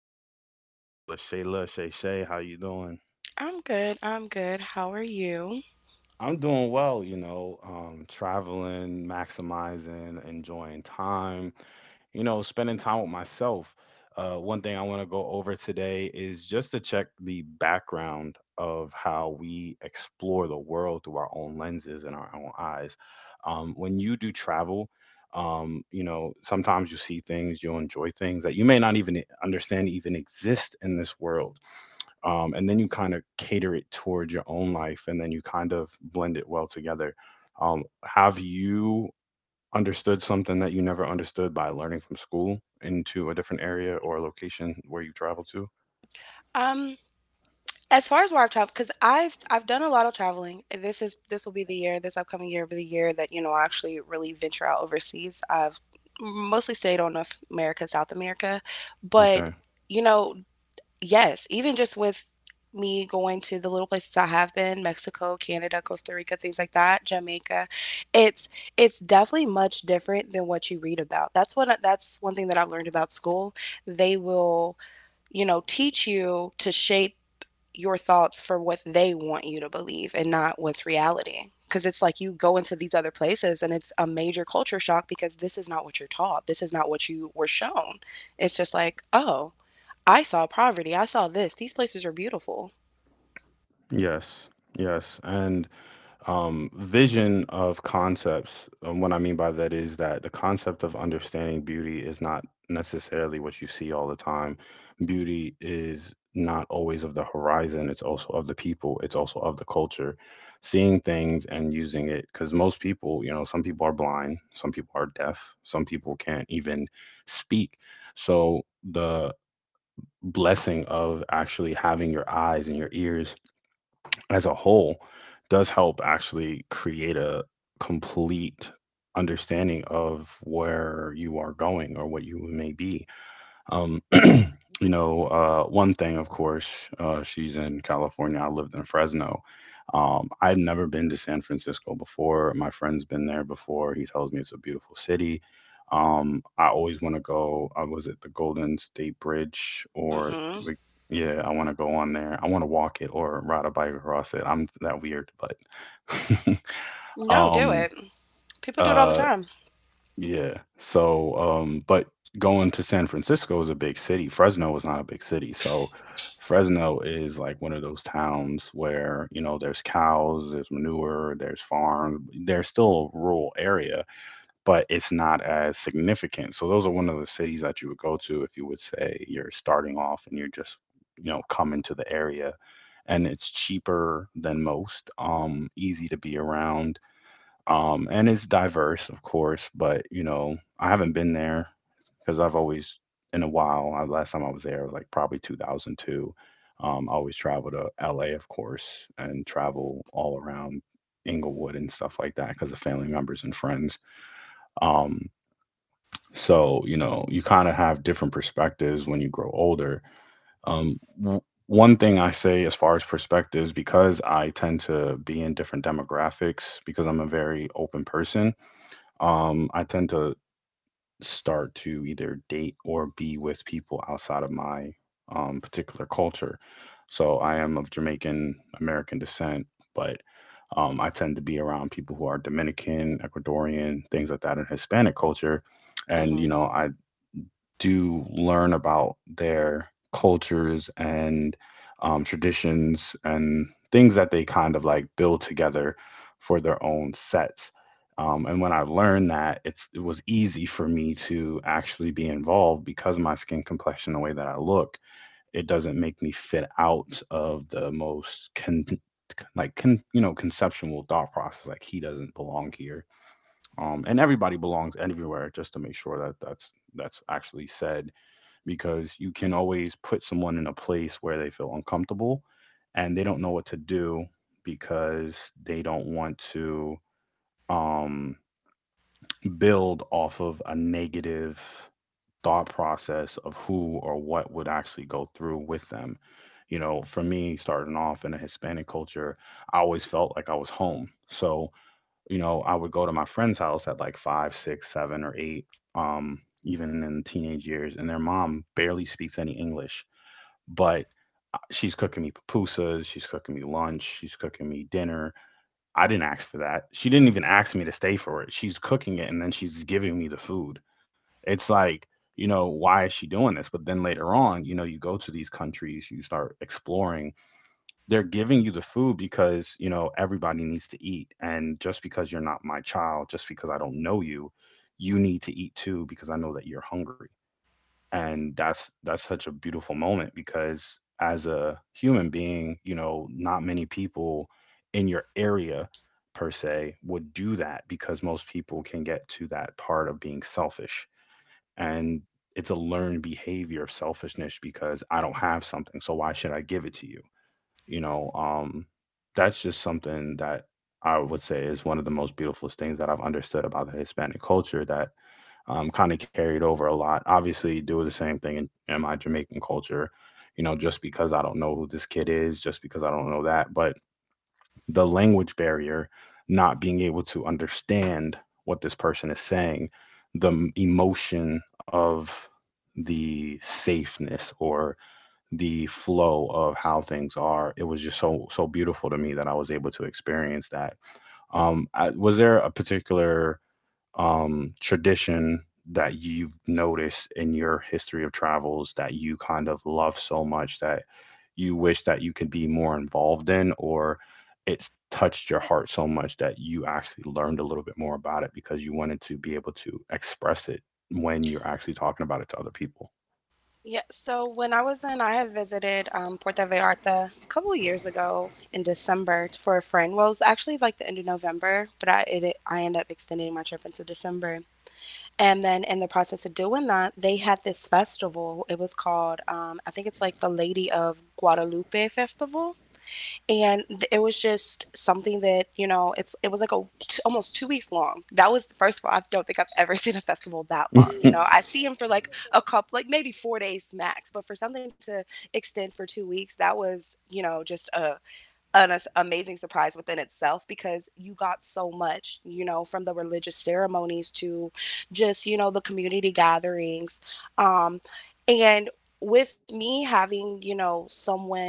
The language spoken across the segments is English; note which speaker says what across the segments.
Speaker 1: my lovely co-host here, LaShayla. Shay Shay, how you doing?
Speaker 2: I'm good. I'm good. How are you?
Speaker 1: I'm doing well, traveling, maximizing, enjoying time, spending time with myself. One thing I want to go over today is just to check the background of how we explore the world through our own lenses and our own eyes. When you do travel, sometimes you see things, you enjoy things that you may not even understand even exist in this world, and then you kind of cater it toward your own life and then you kind of blend it well together. Have you understood something that you never understood by learning from school into a different area or location where you travel to?
Speaker 2: Um, as far as where I've traveled, because I've done a lot of traveling. This will be the year, this upcoming year will be the year that, you know, I actually really venture out overseas. I've mostly stayed on North America, South America. But,
Speaker 1: Okay.
Speaker 2: you know, yes, even just with me going to the little places I have been, Mexico, Canada, Costa Rica, things like that, Jamaica, it's it's definitely much different than what you read about. That's one thing that I've learned about school. They will, you know, teach you to shape your thoughts for what they want you to believe and not what's reality. Because it's like you go into these other places and it's a major culture shock because this is not what you're taught. This is not what you were shown. It's just like, oh, I saw poverty. I saw this. These places are beautiful.
Speaker 1: Yes. Yes. And, vision of concepts. And what I mean by that is that the concept of understanding beauty is not necessarily what you see all the time. Beauty is not always of the horizon, it's also of the people, it's also of the culture. Seeing things and using it, because most people, you know, some people are blind, some people are deaf, some people can't even speak. So the blessing of actually having your eyes and your ears as a whole does help actually create a complete understanding of where you are going or what you may be. Um, One thing, of course, she's in California. I lived in Fresno. I've never been to San Francisco before. My friend's been there before. He tells me it's a beautiful city. I always want to go. I was at the Golden State Bridge,
Speaker 2: Mm-hmm.
Speaker 1: like, yeah, I want to go on there. I want to walk it or ride a bike across it. I'm that weird, but
Speaker 2: No, do
Speaker 1: um,
Speaker 2: it. People do it all the
Speaker 1: uh,
Speaker 2: time.
Speaker 1: yeah. But going to San Francisco is a big city. Fresno is not a big city. So, Fresno is like one of those towns where, you know, there's cows, there's manure, there's farms. There's still a rural area, but it's not as significant. So, those are one of the cities that you would go to if you would say you're starting off and you're just, you know, coming to the area. And it's cheaper than most, easy to be around, and it's diverse, of course. But you know, I haven't been there because I've always in a while. Last time I was there was like probably 2002. I always travel to LA, of course, and travel all around Inglewood and stuff like that because of family members and friends. Um, so you know, you kind of have different perspectives when you grow older. Um, w- One thing I say as far as perspectives, because I tend to be in different demographics, because I'm a very open person, I tend to start to either date or be with people outside of my particular culture. So I am of Jamaican American descent, but, I tend to be around people who are Dominican, Ecuadorian, things like that in Hispanic culture. And, you
Speaker 2: Mm-hmm.
Speaker 1: know, I do learn about their cultures and, traditions and things that they kind of like build together for their own sets. And when I learned that, it was easy for me to actually be involved because of my skin complexion, the way that I look, it doesn't make me fit out of the most you know, conceptual thought process. Like he doesn't belong here, and everybody belongs everywhere. Just to make sure that that's actually said, because you can always put someone in a place where they feel uncomfortable and they don't know what to do, because they don't want to, um, build off of a negative thought process of who or what would actually go through with them. You know, for me, starting off in a Hispanic culture, I always felt like I was home. So, you know, I would go to my friend's house at like five, six, seven, or eight, even in teenage years, and their mom barely speaks any English, but she's cooking me pupusas, she's cooking me lunch, she's cooking me dinner. I didn't ask for that. She didn't even ask me to stay for it. She's cooking it and then she's giving me the food. It's like, you know, why is she doing this? But then later on, you know, you go to these countries, you start exploring. They're giving you the food because, you know, everybody needs to eat. And just because you're not my child, just because I don't know you, you need to eat too because I know that you're hungry. And that's such a beautiful moment, because as a human being, you know, not many people in your area per se would do that, because most people can get to that part of being selfish. And it's a learned behavior of selfishness, because I don't have something, so why should I give it to you? You know That's just something that I would say is one of the most beautiful things that I've understood about the Hispanic culture, that, kind of carried over a lot. Obviously, do the same thing in my Jamaican culture, you know, just because I don't know who this kid is, just because I don't know that. But the language barrier, not being able to understand what this person is saying, the emotion of the safeness or the flow of how things are, it was just so beautiful to me that I was able to experience that. Um I, was there a particular, tradition that you've noticed in your history of travels that you kind of love so much that you wish that you could be more involved in, or it's touched your heart so much that you actually learned a little bit more about it because you wanted to be able to express it when you're actually talking about it to other people?
Speaker 2: Yeah, so when I was in, I had visited Puerto Vallarta a couple years ago in December for a friend. Well, it was actually like the end of November, but I ended up extending my trip into December. And then in the process of doing that, they had this festival. It was called, I think it's like the Lady of Guadalupe Festival, and it was just something that, you know, it was like a almost 2 weeks long. That was, first of all, I don't think I've ever seen a festival that long. You know, I see him for like a couple, like maybe 4 days max, but for something to extend for 2 weeks, that was, you know, just a an amazing surprise within itself, because you got so much, you know, from the religious ceremonies to just, you know, the community gatherings. um and with me having, you know, someone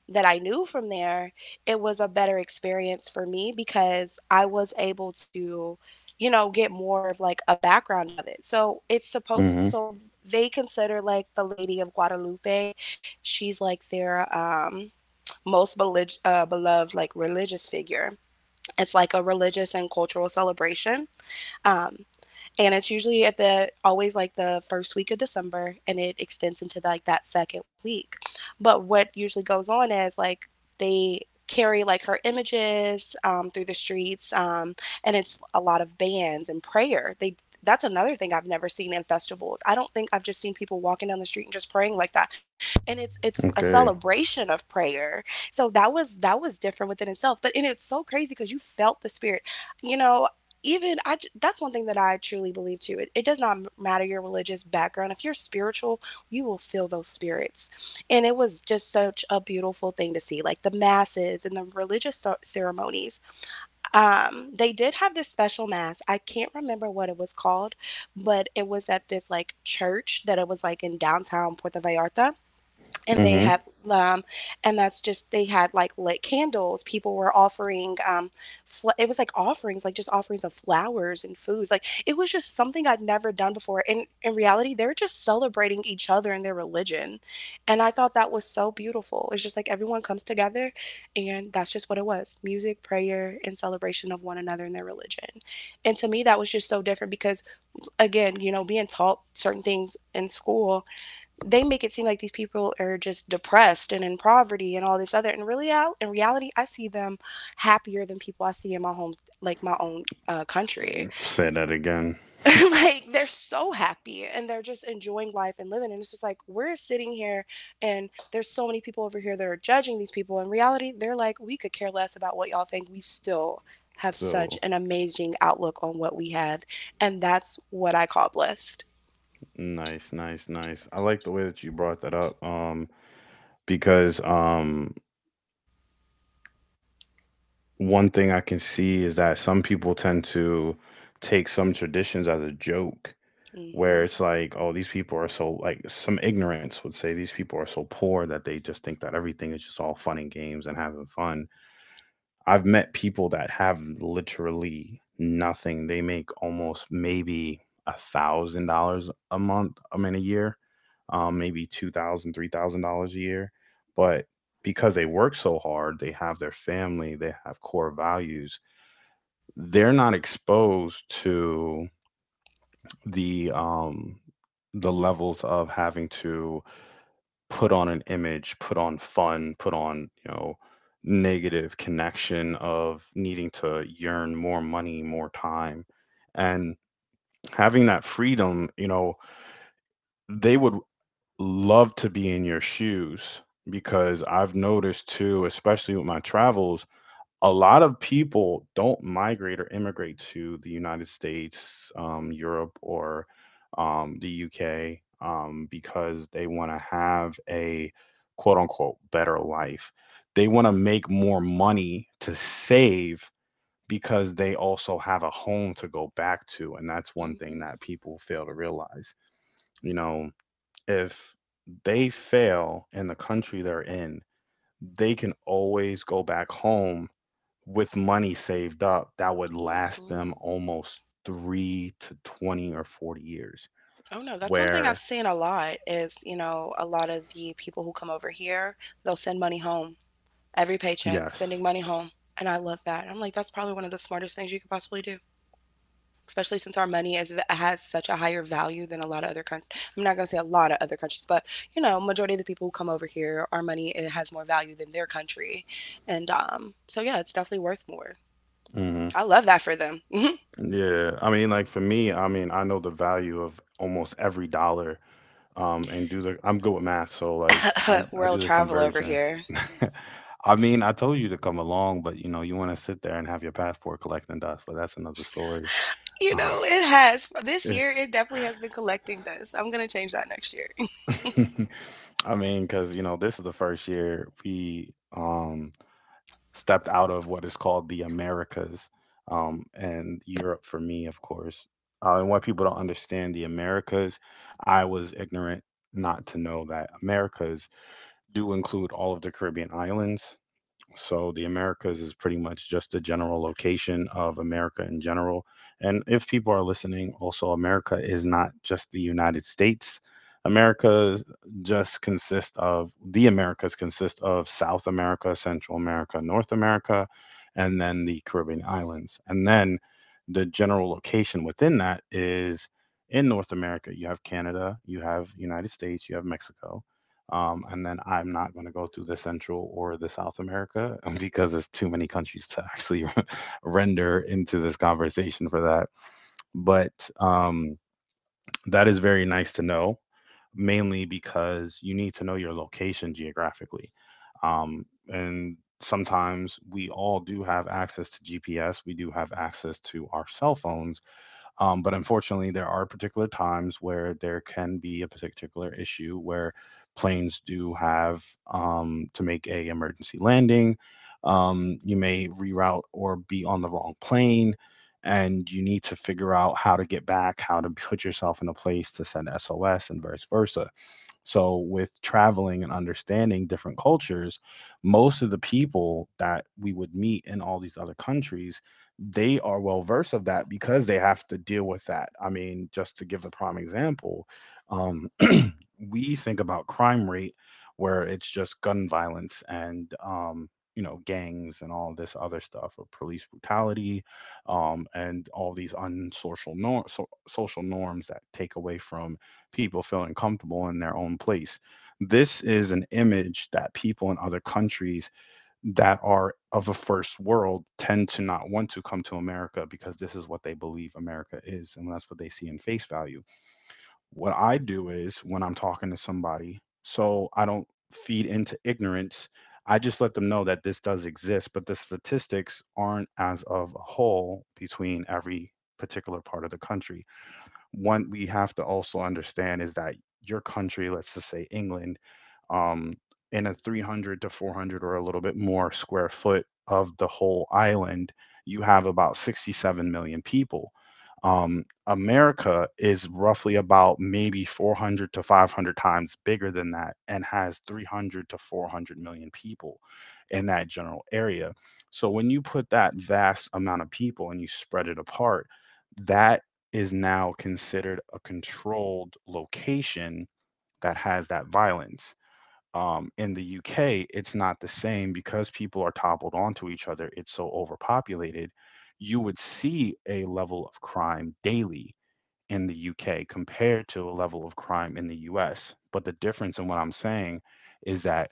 Speaker 2: that I knew from there, it was a better experience for me because I was able to, you know, get more of like a background of it. So it's supposed,
Speaker 1: Hmm.
Speaker 2: so they consider like the Lady of Guadalupe, she's like their, most beloved like religious figure. It's like a religious and cultural celebration. Um, and it's usually at the always like the first week of December, and it extends into like that second week. But what usually goes on is like they carry like her images through the streets, and it's a lot of bands and prayer. They That's another thing I've never seen in festivals. I don't think I've just seen people walking down the street and just praying like that. And it's a
Speaker 1: Okay.
Speaker 2: celebration of prayer. So that was different within itself. But and it's so crazy because you felt the spirit. You know, even I that's one thing that I truly believe too. It does not matter your religious background. If you're spiritual, you will feel those spirits. And it was just such a beautiful thing to see, like the masses and the religious ceremonies. They did have this special mass. I can't remember what it was called, but it was at this like church that it was like in downtown Puerto Vallarta, and they
Speaker 1: Hmm.
Speaker 2: had, um and that's just they had like lit candles. People were offering, it was like offerings, like just offerings of flowers and foods. Like it was just something I'd never done before, and in reality they're just celebrating each other and their religion. And I thought that was so beautiful. It's just like everyone comes together, and that's just what it was: music, prayer, and celebration of one another and their religion. And to me that was just so different because, again, you know, being taught certain things in school, they make it seem like these people are just depressed and in poverty and all this other, and really out in reality I see them happier than people I see in my home, like my own country.
Speaker 1: Say that again.
Speaker 2: Like they're so happy and they're just enjoying life and living, and it's just like we're sitting here and there's so many people over here that are judging these people. In reality they're like, we could care less about what y'all think. We still have such
Speaker 1: So
Speaker 2: an amazing outlook on what we have, and that's what I call blessed.
Speaker 1: Nice, nice, nice. I like the way that you brought that up. Because One thing I can see is that some people tend to take some traditions as a joke,
Speaker 2: Mm
Speaker 1: where
Speaker 2: hmm.
Speaker 1: it's like, oh, these people are so, like, some ignorance would say these people are so poor that they just think that everything is just all fun and games and having fun. I've met people that have literally nothing. They make almost maybe $1,000 a month, I mean, a year, maybe 2,000, $3,000 a year, but because they work so hard, they have their family, they have core values, they're not exposed to the um the levels of having to put on an image, put on fun, put on, you know, negative connection of needing to yearn more money, more time. And having that freedom, you know, they would love to be in your shoes, because I've noticed too, especially with my travels, a lot of people don't migrate or immigrate to the United States, Europe, or, the UK, because they want to have a quote unquote better life. They want to make more money to save because they also have a home to go back to. And that's one thing that people fail to realize. You know, if they fail in the country they're in, they can always go back home with money saved up that would
Speaker 2: Hmm
Speaker 1: last
Speaker 2: hmm.
Speaker 1: them almost three to 20 or 40 years.
Speaker 2: Oh no, that's one thing I've
Speaker 1: Where,
Speaker 2: seen a lot is, you know, a lot of the people who come over here, they'll send money home every paycheck,
Speaker 1: yes.
Speaker 2: sending money home. And I love that. I'm like, that's probably one of the smartest things you could possibly do, especially since our money is has such a higher value than a lot of other countries. I'm not going to say a lot of other countries, but, you know, majority of the people who come over here, our money, it has more value than their country. And so yeah, it's definitely worth more.
Speaker 1: Hmm.
Speaker 2: I love that for them.
Speaker 1: Yeah. I mean, like for me, I mean, I know the value of almost every dollar. And do the I'm good with math, so like I I
Speaker 2: World
Speaker 1: do the
Speaker 2: travel over
Speaker 1: conversion.
Speaker 2: here.
Speaker 1: I mean, I told you to come along, but you know, you want to sit there and have your passport collecting dust, but that's another story.
Speaker 2: You know, it has. For this
Speaker 1: Yeah.
Speaker 2: year, it definitely has been collecting dust. I'm gonna change that next year.
Speaker 1: I mean, because you know, this is the first year we stepped out of what is called the Americas, and Europe for me, of course. And what people don't understand, the Americas, I was ignorant not to know that Americas do include all of the Caribbean islands, so the Americas is pretty much just a general location of America in general. And if people are listening, also America is not just the United States. America just consists of the Americas consist of South America, Central America, North America, and then the Caribbean islands. And then the general location within that is in North America, you have Canada, you have United States, you have Mexico, and then I'm not going to go through the Central or the South America because there's too many countries to actually render into this conversation for that. But um, that is very nice to know, mainly because you need to know your location geographically. And sometimes we all do have access to GPS, we do have access to our cell phones but unfortunately, there are particular times where there can be a particular issue where planes do have to make a emergency landing. You may reroute or be on the wrong plane, and you need to figure out how to get back, how to put yourself in a place to send SOS, and vice versa. So, with traveling and understanding different cultures, most of the people that we would meet in all these other countries, they are well versed of that because they have to deal with that. I mean, just to give a prime example, um, we think about crime rate where it's just gun violence and gangs and all this other stuff or police brutality and all these unsocial nor- so- social norms that take away from people feeling comfortable in their own place. This is an image that people in other countries that are of a first world tend to not want to come to America because this is what they believe America is and that's what they see in face value. What I do is when I'm talking to somebody, so I don't feed into ignorance, I just let them know that this does exist, but the statistics aren't as of a whole between every particular part of the country. One we have to also understand is that your country, let's just say England, um, in a 300 to 400 or a little bit more square foot of the whole island, you have about 67 million people. America is roughly about maybe 400 to 500 times bigger than that and has 300 to 400 million people in that general area. So when you put that vast amount of people and you spread it apart, that is now considered a controlled location that has that violence. In the UK, it's not the same because people are toppled onto each other. It's so overpopulated. You would see a level of crime daily in the UK compared to a level of crime in the US. But the difference in what I'm saying is that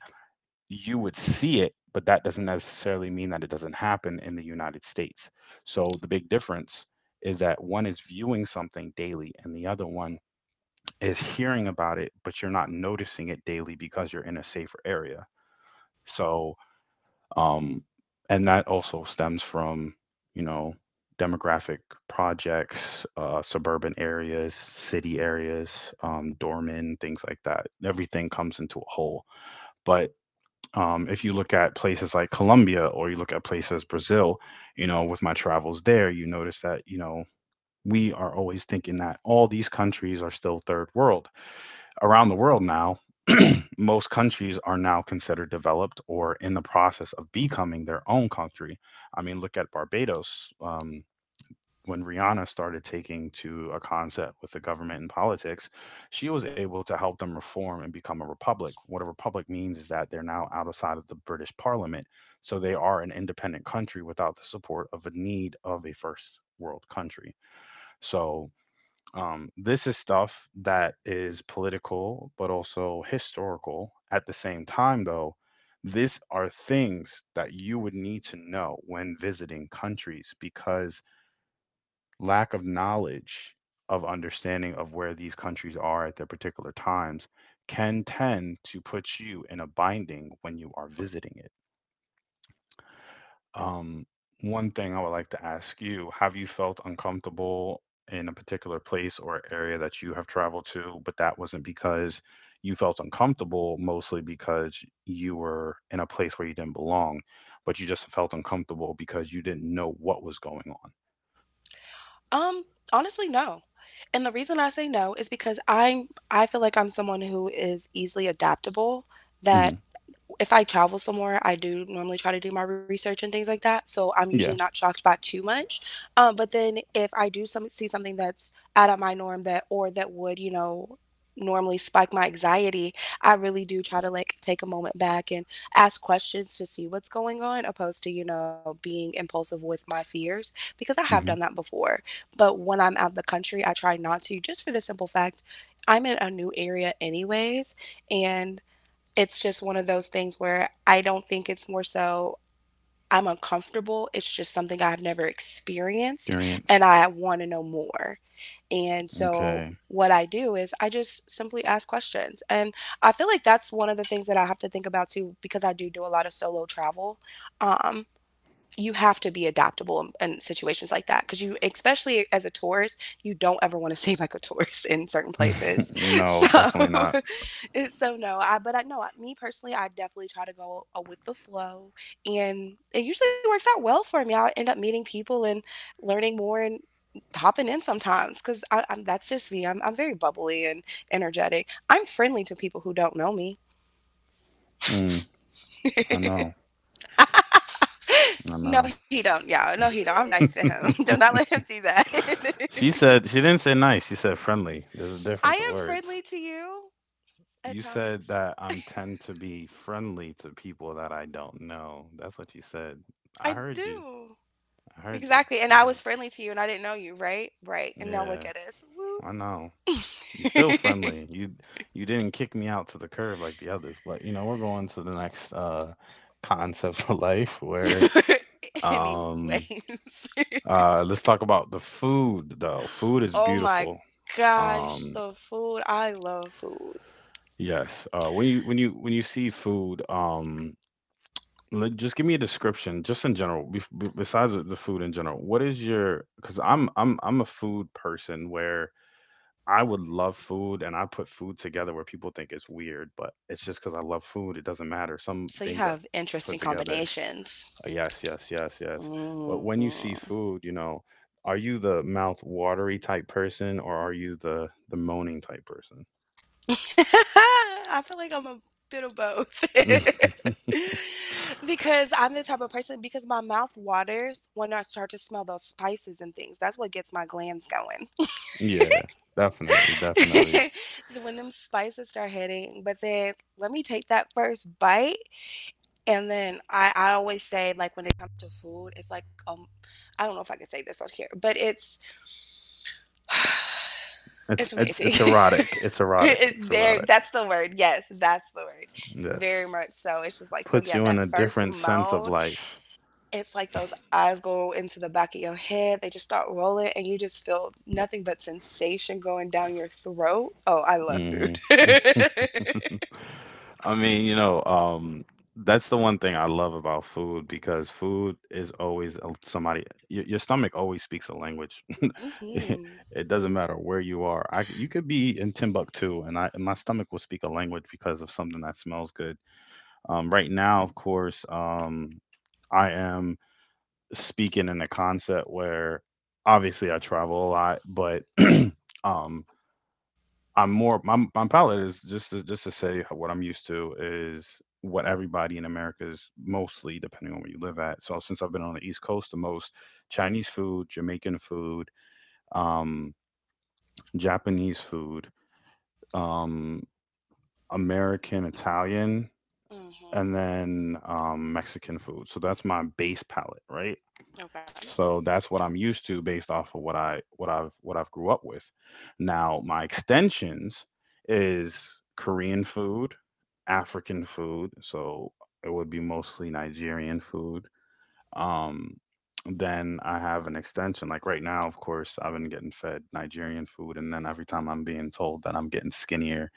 Speaker 1: you would see it, but that doesn't necessarily mean that it doesn't happen in the United States. So the big difference is that one is viewing something daily and the other one is hearing about it, but you're not noticing it daily because you're in a safer area. So, um, and that also stems from, you know, demographic projects, suburban areas, city areas, doormen, things like that. Everything comes into a whole. But if you look at places like Colombia or you look at places Brazil, with my travels there, you notice that, we are always thinking that all these countries are still third world. Around the world now, most countries are now considered developed or in the process of becoming their own country. I mean, look at Barbados. When Rihanna started taking to a concept with the government and politics, she was able to help them reform and become a republic. What a republic means is that they're now outside of the British Parliament, so they are an independent country without the support of a need of a first world country. So this is stuff that is political but also historical. At the same time, though, these are things that you would need to know when visiting countries because lack of knowledge of understanding of where these countries are at their particular times can tend to put you in a binding when you are visiting it. Um, One thing I would like to ask you, have you felt uncomfortable in a particular place or area that you have traveled to, but that wasn't because you felt uncomfortable, mostly because you were in a place where you didn't belong, but you just felt uncomfortable because you didn't know what was going
Speaker 2: Um, Honestly, no. And the reason I say no is because I feel like I'm someone who is easily adaptable,
Speaker 1: on?
Speaker 2: that
Speaker 1: Hmm.
Speaker 2: if I travel somewhere, I do normally try to do my research and things like that. So I'm usually
Speaker 1: Yeah.
Speaker 2: not shocked by too much. But then if I do some see something that's out of my norm, that or that would, you know, normally spike my anxiety, I really do try to like take a moment back and ask questions to see what's going on, opposed to, you know, being impulsive with my fears, because I have done
Speaker 1: Hmm.
Speaker 2: that before. But when I'm out of the country, I try not to, just for the simple fact I'm in a new area anyways, and it's just one of those things where I don't think it's more so I'm uncomfortable. It's just something I've never experienced and I want to know more. And so
Speaker 1: Okay.
Speaker 2: what I do is I just simply ask questions. And I feel like that's one of the things that I have to think about too, because I do do a lot of solo travel. Um you have to be adaptable in situations like that, because you, especially as a tourist, you don't ever want to seem like a tourist in certain places,
Speaker 1: No,
Speaker 2: so.
Speaker 1: definitely not.
Speaker 2: It's so, no, I but I know, me personally, I definitely try to go with the flow, and it usually works out well for me. I end up meeting people and learning more and hopping in sometimes because I'm that's just me. I'm very bubbly and energetic. I'm friendly to people who don't know me.
Speaker 1: Mm, I know. I
Speaker 2: No,
Speaker 1: know.
Speaker 2: he don't, y'all, no, he don't. I'm nice to him. Do not let him do that.
Speaker 1: She said she didn't say nice. She said friendly. There's a
Speaker 2: I
Speaker 1: difference of
Speaker 2: am friendly
Speaker 1: words.
Speaker 2: to you at
Speaker 1: You said
Speaker 2: times.
Speaker 1: that I'm tend to be friendly to people that I don't know. That's what you said.
Speaker 2: I
Speaker 1: I heard you.
Speaker 2: do.
Speaker 1: I heard
Speaker 2: Exactly.
Speaker 1: you.
Speaker 2: And I
Speaker 1: I
Speaker 2: was
Speaker 1: heard
Speaker 2: friendly to you and I didn't know you, right? Right.
Speaker 1: you.
Speaker 2: And now look
Speaker 1: Yeah,
Speaker 2: at us. Woo.
Speaker 1: I know. You're still friendly. You didn't kick me out to the curb like the others, but we're going to the next concept of life where
Speaker 2: Anyways.
Speaker 1: um Let's talk about the food though. Food is
Speaker 2: Oh my
Speaker 1: beautiful.
Speaker 2: gosh,
Speaker 1: Um,
Speaker 2: the food. I love food.
Speaker 1: yes. When you see food, just give me a description, just in general, besides the food in general. What is your? Because I'm a food person where I would love food and I put food together where people think it's weird, but it's just because I love food. It doesn't matter. Some
Speaker 2: So
Speaker 1: things
Speaker 2: you
Speaker 1: I
Speaker 2: have
Speaker 1: put
Speaker 2: interesting
Speaker 1: together.
Speaker 2: combinations.
Speaker 1: Yes, yes, yes, yes. But when you see
Speaker 2: Mm.
Speaker 1: food, you know, are you the mouth watery type person or are you the moaning type person?
Speaker 2: I feel like I'm a bit of both. Because I'm the type of person, because my mouth waters when I start to smell those spices and things. That's what gets my glands going.
Speaker 1: Yeah, definitely, definitely.
Speaker 2: When them spices start hitting, but then let me take that first bite, and then I always say, like when it comes to food, it's like, I don't know if I can say this on here, but it's
Speaker 1: It's it's
Speaker 2: amazing.
Speaker 1: it's erotic. It's erotic.
Speaker 2: It's
Speaker 1: It's
Speaker 2: there,
Speaker 1: erotic.
Speaker 2: that's the word. Yes, that's the word.
Speaker 1: Yes.
Speaker 2: Very much so. It's just like, so
Speaker 1: Puts
Speaker 2: yeah,
Speaker 1: you in
Speaker 2: that
Speaker 1: a
Speaker 2: first
Speaker 1: different sense of
Speaker 2: mode.
Speaker 1: life.
Speaker 2: It's like those eyes go into the back of your head. They just start rolling and you just feel nothing but sensation going down your throat. Oh, I love
Speaker 1: Hmm.
Speaker 2: food.
Speaker 1: I mean, that's the one thing I love about food because food is always your stomach always speaks a language.
Speaker 2: Mhm.
Speaker 1: It doesn't matter where you are. I c You could be in Timbuktu, and I and my stomach will speak a language because of something that smells good. Right now, of course, I am speaking in a concept where obviously I travel a lot, but um, I'm more my palate is just to, say what I'm used to is what everybody in America is mostly depending on where you live at. So since I've been on the East Coast the most, Chinese food, Jamaican food, um, Japanese food, um, American, Italian, and
Speaker 2: Mhm.
Speaker 1: then Mexican food. So that's my base palate, right?
Speaker 2: Okay.
Speaker 1: So that's what I'm used to based off of what I've grew up with. Now my extensions is Korean food, African food. So it would be mostly Nigerian food. Um, then I have an extension. Like right now, of course, I've been getting fed Nigerian food, and then every time I'm being told that I'm getting skinnier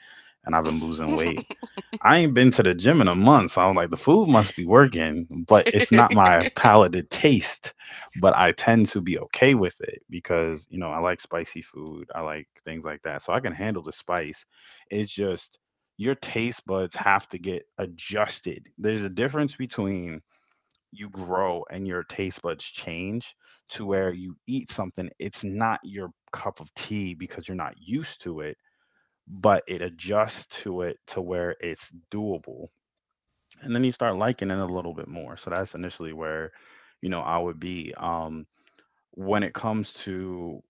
Speaker 1: and I've been losing weight, I ain't been to the gym in a month, so I'm like, the food must be working, but it's not my palate taste. But I tend to be okay with it because, I like spicy food. I like things like that. So I can handle the spice. It's just your taste buds have to get adjusted. There's a difference between you grow and your taste buds change to where you eat something, it's not your cup of tea because you're not used to it, but it adjusts to it to where it's doable, and then you start liking it a little bit more. So that's initially where, I would be. When it comes to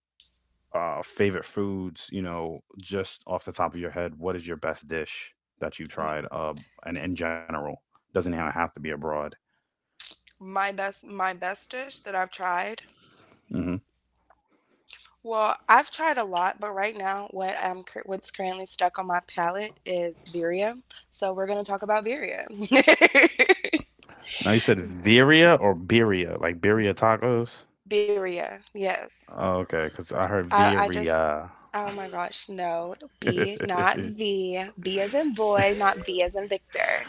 Speaker 1: favorite foods, just off the top of your head, what is your best dish that you
Speaker 2: M-
Speaker 1: tried? And in general, doesn't even have to be abroad.
Speaker 2: my best my best dish that I've tried.
Speaker 1: Hmm.
Speaker 2: Well, I've tried a lot, but right now, what what's currently stuck on my palate is birria. So we're gonna talk about birria.
Speaker 1: Now you said Viria or Birria, like Birria tacos.
Speaker 2: Birria, yes.
Speaker 1: Oh, okay, because I heard
Speaker 2: I just,
Speaker 1: Viria.
Speaker 2: oh my gosh, no. B, not V. B as in boy, not V as in Victor.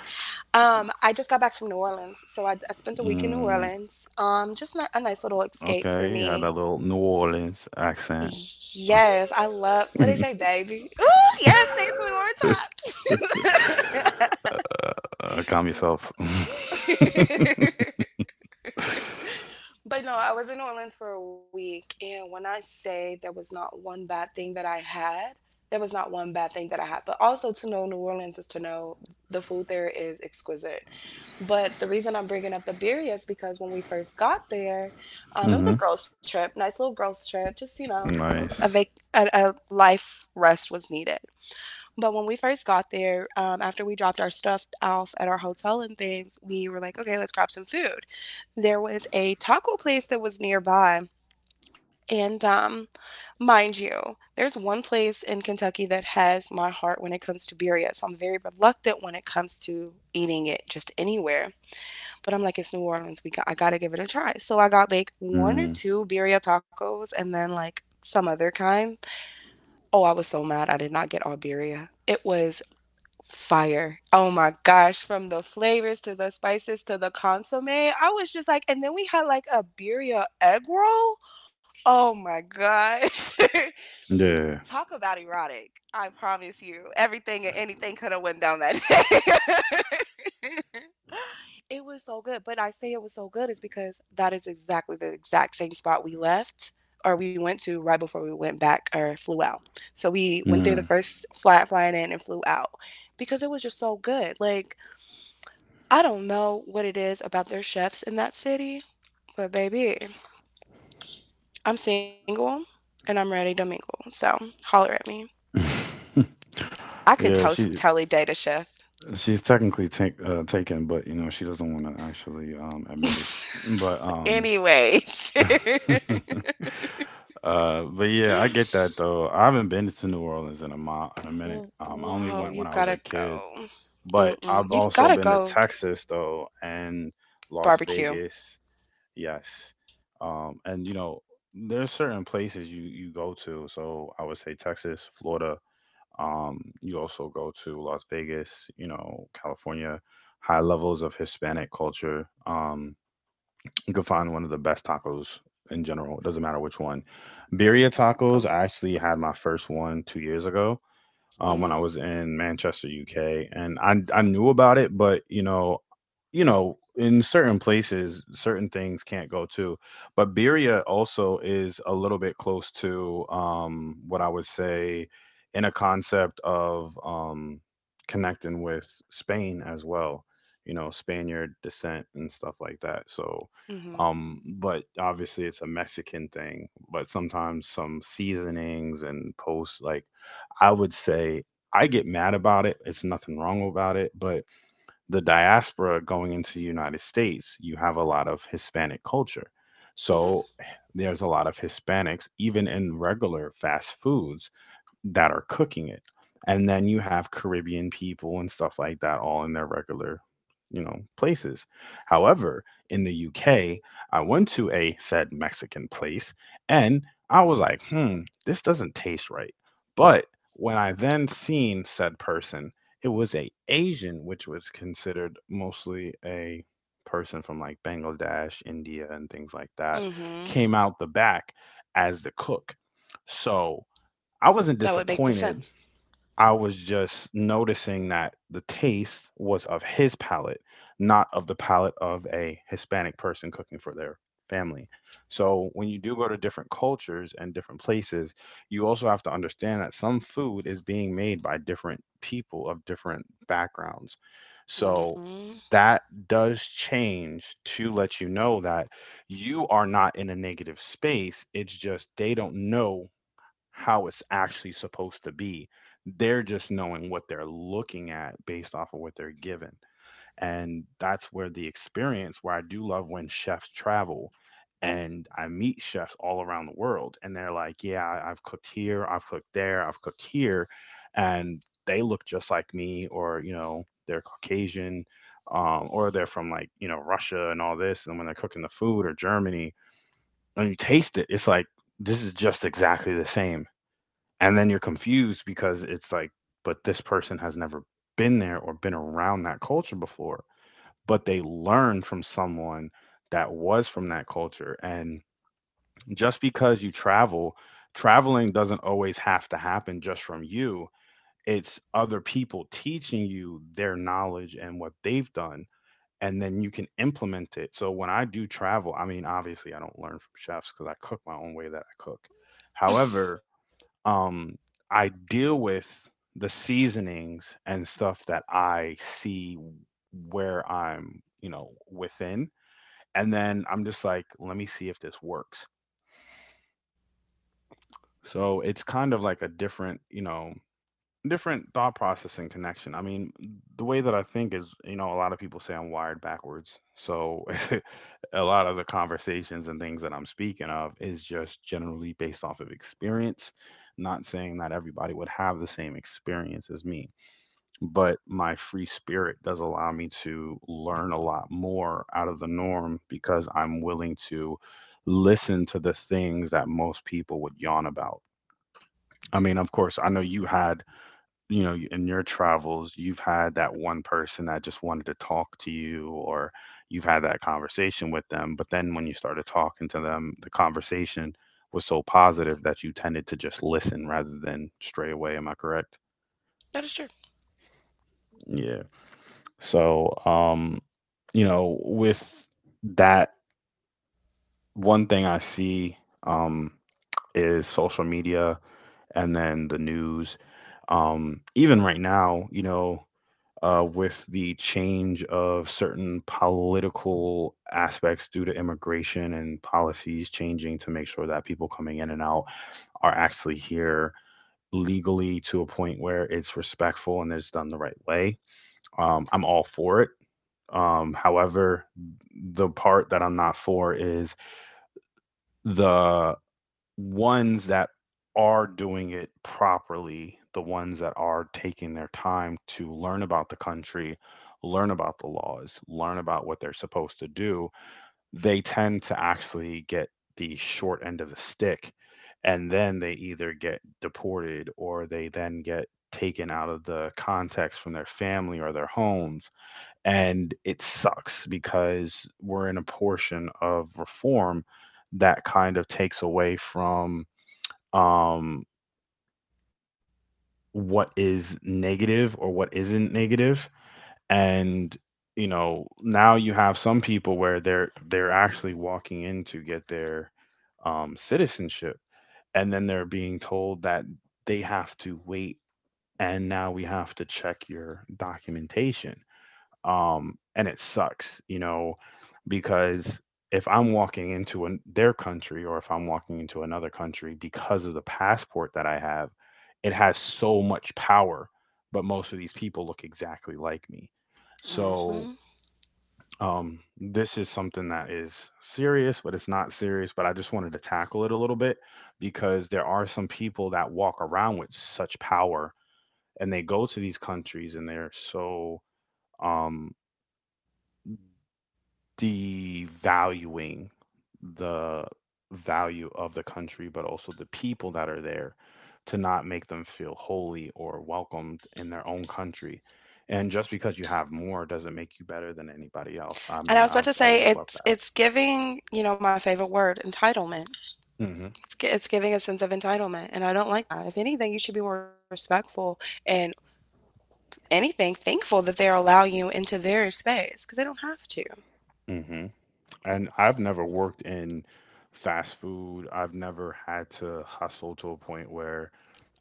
Speaker 2: I just got back from New Orleans, so I spent a week in New
Speaker 1: Mm,
Speaker 2: Orleans. Just a nice little escape for
Speaker 1: okay, you had that
Speaker 2: me.
Speaker 1: little New Orleans accent.
Speaker 2: Yes, I love what they say, baby. Ooh, yes, say it to me one
Speaker 1: Calm yourself.
Speaker 2: more time. But no, I was in New Orleans for a week, and when I say there was not one bad thing that I had, there was not one bad thing that I had. But also to know New Orleans is to know the food there is exquisite. But the reason I'm bringing up the beer is because when we first got there, it was
Speaker 1: Hmm.
Speaker 2: a girls' trip, nice little girls' trip, just a vac-
Speaker 1: Nice.
Speaker 2: a, a life rest was needed. But when we first got there, after we dropped our stuff off at our hotel and things, we were like, okay, let's grab some food. There was a taco place that was nearby. And mind you, there's one place in Kentucky that has my heart when it comes to birria. So I'm very reluctant when it comes to eating it just anywhere. But I'm like, it's New Orleans. I gotta give it a try. So I got like one or
Speaker 1: Mm,
Speaker 2: two birria tacos and then like some other kind. Oh, I was so mad. I did not get all birria. It was fire. Oh my gosh, from the flavors to the spices to the consomme, I was just like and then we had like a birria egg roll. Oh my gosh.
Speaker 1: yeah.
Speaker 2: Talk about erotic. I promise you, everything and anything could have went down that day. It was so good. But I say it was so good is because that is exactly the exact same spot we left or we went to right before we went back or flew out. So we went there the
Speaker 1: Mm.
Speaker 2: first flight flying in and flew out because it was just so good. Like I don't know what it is about their chefs in that city, but baby, I'm single and I'm ready to mingle. So holler at me. I could
Speaker 1: Yeah,
Speaker 2: to-
Speaker 1: she
Speaker 2: totally date a chef.
Speaker 1: she's technically taken, but you know she doesn't want to actually admit it. But
Speaker 2: Anyways.
Speaker 1: uh, but yeah, I get that though. I haven't been to New Orleans in a mile, in a minute.
Speaker 2: W-
Speaker 1: I only
Speaker 2: wow,
Speaker 1: went
Speaker 2: you
Speaker 1: when I was
Speaker 2: gotta
Speaker 1: a kid,
Speaker 2: go.
Speaker 1: but
Speaker 2: Mm-mm.
Speaker 1: I've
Speaker 2: You
Speaker 1: also
Speaker 2: gotta
Speaker 1: been to
Speaker 2: go
Speaker 1: Texas though and Las
Speaker 2: barbecue.
Speaker 1: Vegas. Yes. And there's certain places you go to. So I would say Texas, Florida. You also go to Las Vegas. California. High levels of Hispanic culture. You can find one of the best tacos in general. It doesn't matter which one. Birria
Speaker 2: Oh,
Speaker 1: tacos. I actually had my first one 2 years ago when I
Speaker 2: mm,
Speaker 1: was in Manchester, UK, and I knew about it, but in certain places, certain things can't go to. But Birria also is a little bit close to what I would say in a concept of connecting with Spain as well. Spaniard descent and stuff like that. So.
Speaker 2: mm-hmm,
Speaker 1: But obviously it's a Mexican thing, but sometimes some seasonings and post like I would say I get mad about it. It's nothing wrong about it, but the diaspora going into the United States, you have a lot of Hispanic culture.
Speaker 2: mm-hmm,
Speaker 1: So there's a lot of Hispanics, even in regular fast foods that are cooking it. And then you have Caribbean people and stuff like that all in their regular, places. However, in the UK, I went to a said Mexican place and I was like, this doesn't taste right. But when I then seen said person, it was a Asian, which was considered mostly a person from like Bangladesh, India, and things like that,
Speaker 2: mm-hmm.
Speaker 1: came out the back as the cook. So I
Speaker 2: That
Speaker 1: wasn't
Speaker 2: would make the
Speaker 1: disappointed.
Speaker 2: sense.
Speaker 1: I was just noticing that the taste was of his palate, not of the palate of a Hispanic person cooking for their family. So when you do go to different cultures and different places, you also have to understand that some food is being made by different people of different backgrounds. So
Speaker 2: Mm-hmm.
Speaker 1: that does change to let you know that you are not in a negative space. It's just they don't know how it's actually supposed to be. They're just knowing what they're looking at based off of what they're given. And that's where the experience, where I do love when chefs travel and I meet chefs all around the world and they're like, yeah, I've cooked here, I've cooked there, I've cooked here. And they look just like me or, they're Caucasian or they're from like, Russia and all this. And when they're cooking the food or Germany and you taste it, it's like, this is just exactly the same and then you're confused because it's like but this person has never been there or been around that culture before, but they learned from someone that was from that culture. And just because you travel, traveling doesn't always have to happen just from you. It's other people teaching you their knowledge and what they've done, and then you can implement it. So when I do travel, I mean obviously I don't learn from chefs because I cook my own way that I cook. However, um, I deal with the seasonings and stuff that I see where I'm, within. And then I'm just like, let me see if this works. So it's kind of like a different, different thought process and connection. I mean, the way that I think is, a lot of people say I'm wired backwards. So a lot of the conversations and things that I'm speaking of is just generally based off of experience, not saying that everybody would have the same experience as me, but my free spirit does allow me to learn a lot more out of the norm because I'm willing to listen to the things that most people would yawn about. I mean, of course, I know you had, in your travels, you've had that one person that just wanted to talk to you, or you've had that conversation with them. But then when you started talking to them, the conversation was so positive that you tended to just listen rather than stray away. Am I correct?
Speaker 2: That is true.
Speaker 1: Yeah. So, you know, with that, one thing I see um, is social media and then the news. Even right now, you know, with the change of certain political aspects due to immigration and policies changing to make sure that people coming in and out are actually here legally to a point where it's respectful and it's done the right way. I'm all for it. However, the part that I'm not for is the ones that are doing it properly, the ones that are taking their time to learn about the country, learn about the laws, learn about what they're supposed to do, they tend to actually get the short end of the stick. And then they either get deported or they then get taken out of the context from their family or their homes. And it sucks because we're in a portion of reform that kind of takes away from um, what is negative or what isn't negative. And you know, now you have some people where they're actually walking in to get their citizenship, and then they're being told that they have to wait, and now we have to check your documentation. And it sucks, you know, because if I'm walking into an, their country or if I'm walking into another country because of the passport that I have, it has so much power. But most of these people look exactly like me. So
Speaker 2: Mm-hmm.
Speaker 1: this is something that is serious, but it's not serious. But I just wanted to tackle it a little bit because there are some people that walk around with such power and they go to these countries and they're so um devaluing the value of the country, but also the people that are there to not make them feel holy or welcomed in their own country. And just because you have more doesn't make you better than anybody else. I mean,
Speaker 2: And I
Speaker 1: I've
Speaker 2: was about to
Speaker 1: always
Speaker 2: say
Speaker 1: loved
Speaker 2: it's it's giving my favorite word, entitlement.
Speaker 1: that. Hmm.
Speaker 2: It's, it's giving a sense of entitlement, and I don't like that. If anything, you should be more respectful and anything thankful that they're allowing you into their space because they don't have to.
Speaker 1: Hmm. And I've never worked in fast food. I've never had to hustle to a point where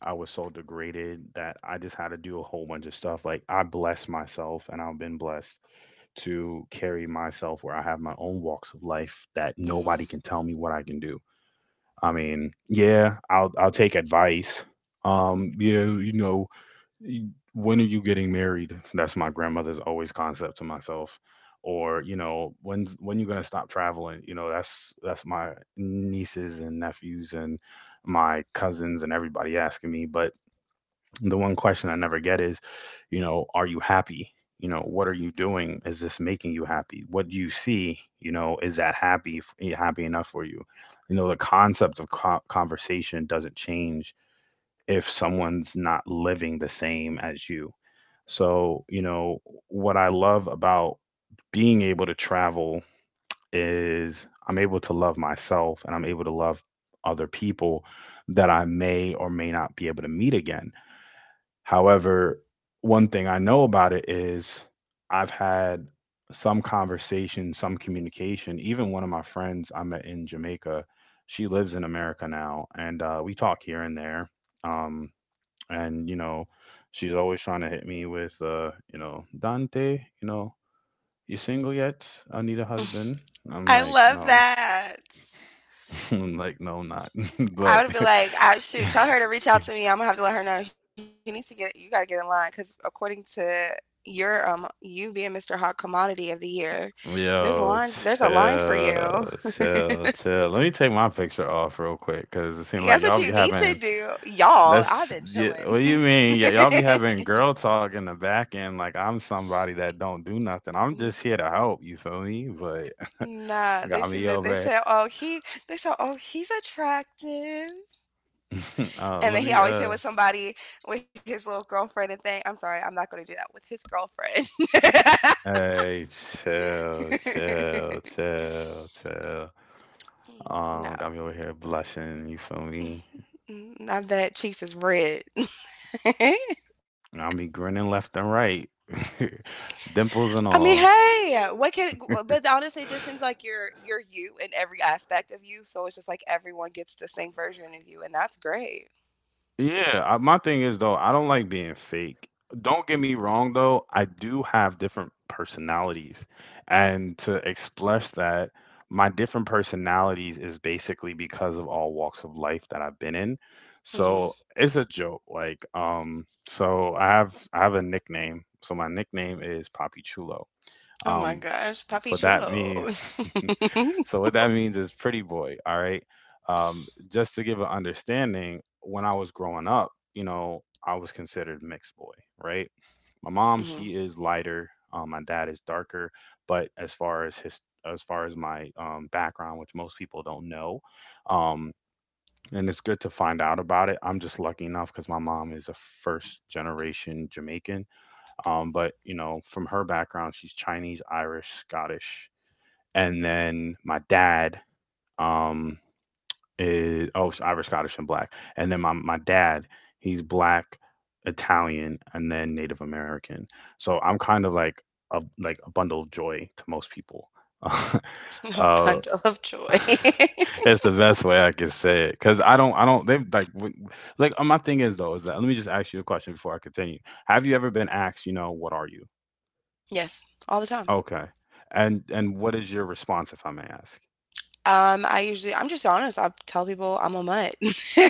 Speaker 1: I was so degraded that I just had to do a whole bunch of stuff. Like I blessed myself and I've been blessed to carry myself where I have my own walks of life that nobody can
Speaker 2: Mm-hmm.
Speaker 1: tell me what I can do. I mean, yeah, I'll take advice. Yeah, you know, when are you getting married? That's my grandmother's always concept to myself. Or, when you gonna stop traveling? You know, that's my nieces and nephews and my cousins and everybody asking me. But the one question I never get is, are you happy? You know, what are you doing? Is this making you happy? What do you see? You know, is that happy enough for you? You know, the concept of conversation doesn't change if someone's not living the same as you. So, what I love about being able to travel is I'm able to love myself and I'm able to love other people that I may or may not be able to meet again. However, one thing I know about it is I've had some conversation, some communication. Even one of my friends I met in Jamaica, she lives in America now, and we talk here and there. Um, and you know, she's always trying to hit me with, you know, Dante, you know, you single yet? I need a husband. I'm
Speaker 2: I
Speaker 1: like,
Speaker 2: love
Speaker 1: no,
Speaker 2: that.
Speaker 1: I'm like, no, I'm not. But
Speaker 2: I would be like, I shoot, tell her to reach out to me. I'm gonna have to let her know. He needs to get, you gotta get in line because according to your you being Mr. Hot Commodity of the Year,
Speaker 1: yo,
Speaker 2: there's a line for
Speaker 1: chill,
Speaker 2: you.
Speaker 1: chill, chill. Let me take my picture off real quick, cause it seems like
Speaker 2: That's what
Speaker 1: y'all
Speaker 2: you
Speaker 1: be
Speaker 2: need to
Speaker 1: having
Speaker 2: do, y'all. I've
Speaker 1: that's
Speaker 2: been
Speaker 1: yeah,
Speaker 2: chilling.
Speaker 1: what do you mean? Yeah, y'all be having girl talk in the back end, like I'm somebody that don't do nothing. I'm just here to help. You feel me? But
Speaker 2: Nah, they
Speaker 1: got
Speaker 2: see
Speaker 1: me
Speaker 2: that
Speaker 1: over.
Speaker 2: they said, oh he's attractive,
Speaker 1: It.
Speaker 2: and
Speaker 1: Let
Speaker 2: then he
Speaker 1: me
Speaker 2: always hit with somebody with his little girlfriend and thing. I'm sorry, I'm not gonna do that with his girlfriend.
Speaker 1: hey, chill, chill, chill, chill. Got me over here blushing. You feel me?
Speaker 2: no. Mm, now that cheeks is red.
Speaker 1: I'll be grinning left and right, dimples
Speaker 2: I
Speaker 1: and
Speaker 2: mean,
Speaker 1: all.
Speaker 2: hey, what can? But honestly, it just seems like you're you in every aspect of you. So it's just like everyone gets the same version of you, and that's great.
Speaker 1: Yeah, I, my thing is though, I don't like being fake. Don't get me wrong though, I do have different personalities. And to express that, my different personalities is basically because of all walks of life that I've been in. So,
Speaker 2: Hmm.
Speaker 1: it's a joke like so I have a nickname. So my nickname is Papi Chulo.
Speaker 2: Oh my
Speaker 1: Um
Speaker 2: gosh, Papi
Speaker 1: for that
Speaker 2: Chulo.
Speaker 1: mean. So what that means is pretty boy. All right. Just to give an understanding, when I was growing up, you know, I was considered mixed boy, right? My mom,
Speaker 2: hmm.
Speaker 1: she is lighter. My dad is darker. But as far as his, as far as my background, which most people don't know, um, and it's good to find out about it. I'm just lucky enough because my mom is a first generation Jamaican. But you know, from her background, she's Chinese, Irish, Scottish, and then my dad um is oh it's Irish, Scottish, and black. And then my dad, he's black, Italian, and then Native American. So I'm kind of like a bundle of joy to most people.
Speaker 2: A
Speaker 1: uh,
Speaker 2: bundle of joy.
Speaker 1: it's the best way I can say it because I don't they like like my thing is though is that let me just ask you a question before I continue. Have you ever been asked, what are you?
Speaker 2: yes, all the time.
Speaker 1: Okay, and what is your response if I may ask?
Speaker 2: I usually I'm just honest, I tell people I'm a mutt.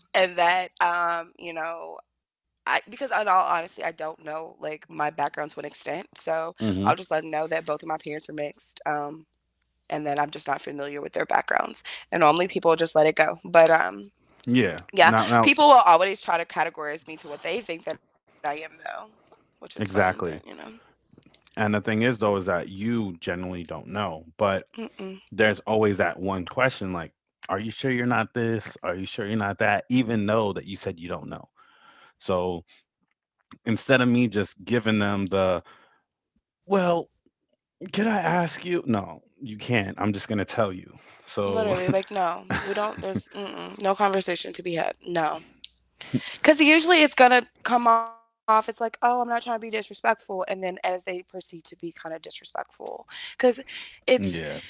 Speaker 2: And that, I because in all honesty, I don't know, like, my background to an extent, so I'll
Speaker 1: Hmm.
Speaker 2: just let them know that both of my parents are mixed, and that I'm just not familiar with their backgrounds, and normally people just let it go, but,
Speaker 1: Yeah.
Speaker 2: yeah,
Speaker 1: Now
Speaker 2: people will always try to categorize me to what they think that I am though, which is fun, but, you know.
Speaker 1: exactly. And the thing is, though, is that you generally don't know, but
Speaker 2: Mm-mm.
Speaker 1: there's always that one question like, are you sure you're not this? Are you sure you're not that? Even though that you said you don't know. So instead of me just giving them the, well, can I ask you? No, you can't. I'm just going to tell you. So,
Speaker 2: Literally, like, no, we don't there's mm-mm, no conversation to be had, no. Because usually it's going to come off, it's like, oh, I'm not trying to be disrespectful. And then as they proceed to be kind of disrespectful, because
Speaker 1: yeah,
Speaker 2: it's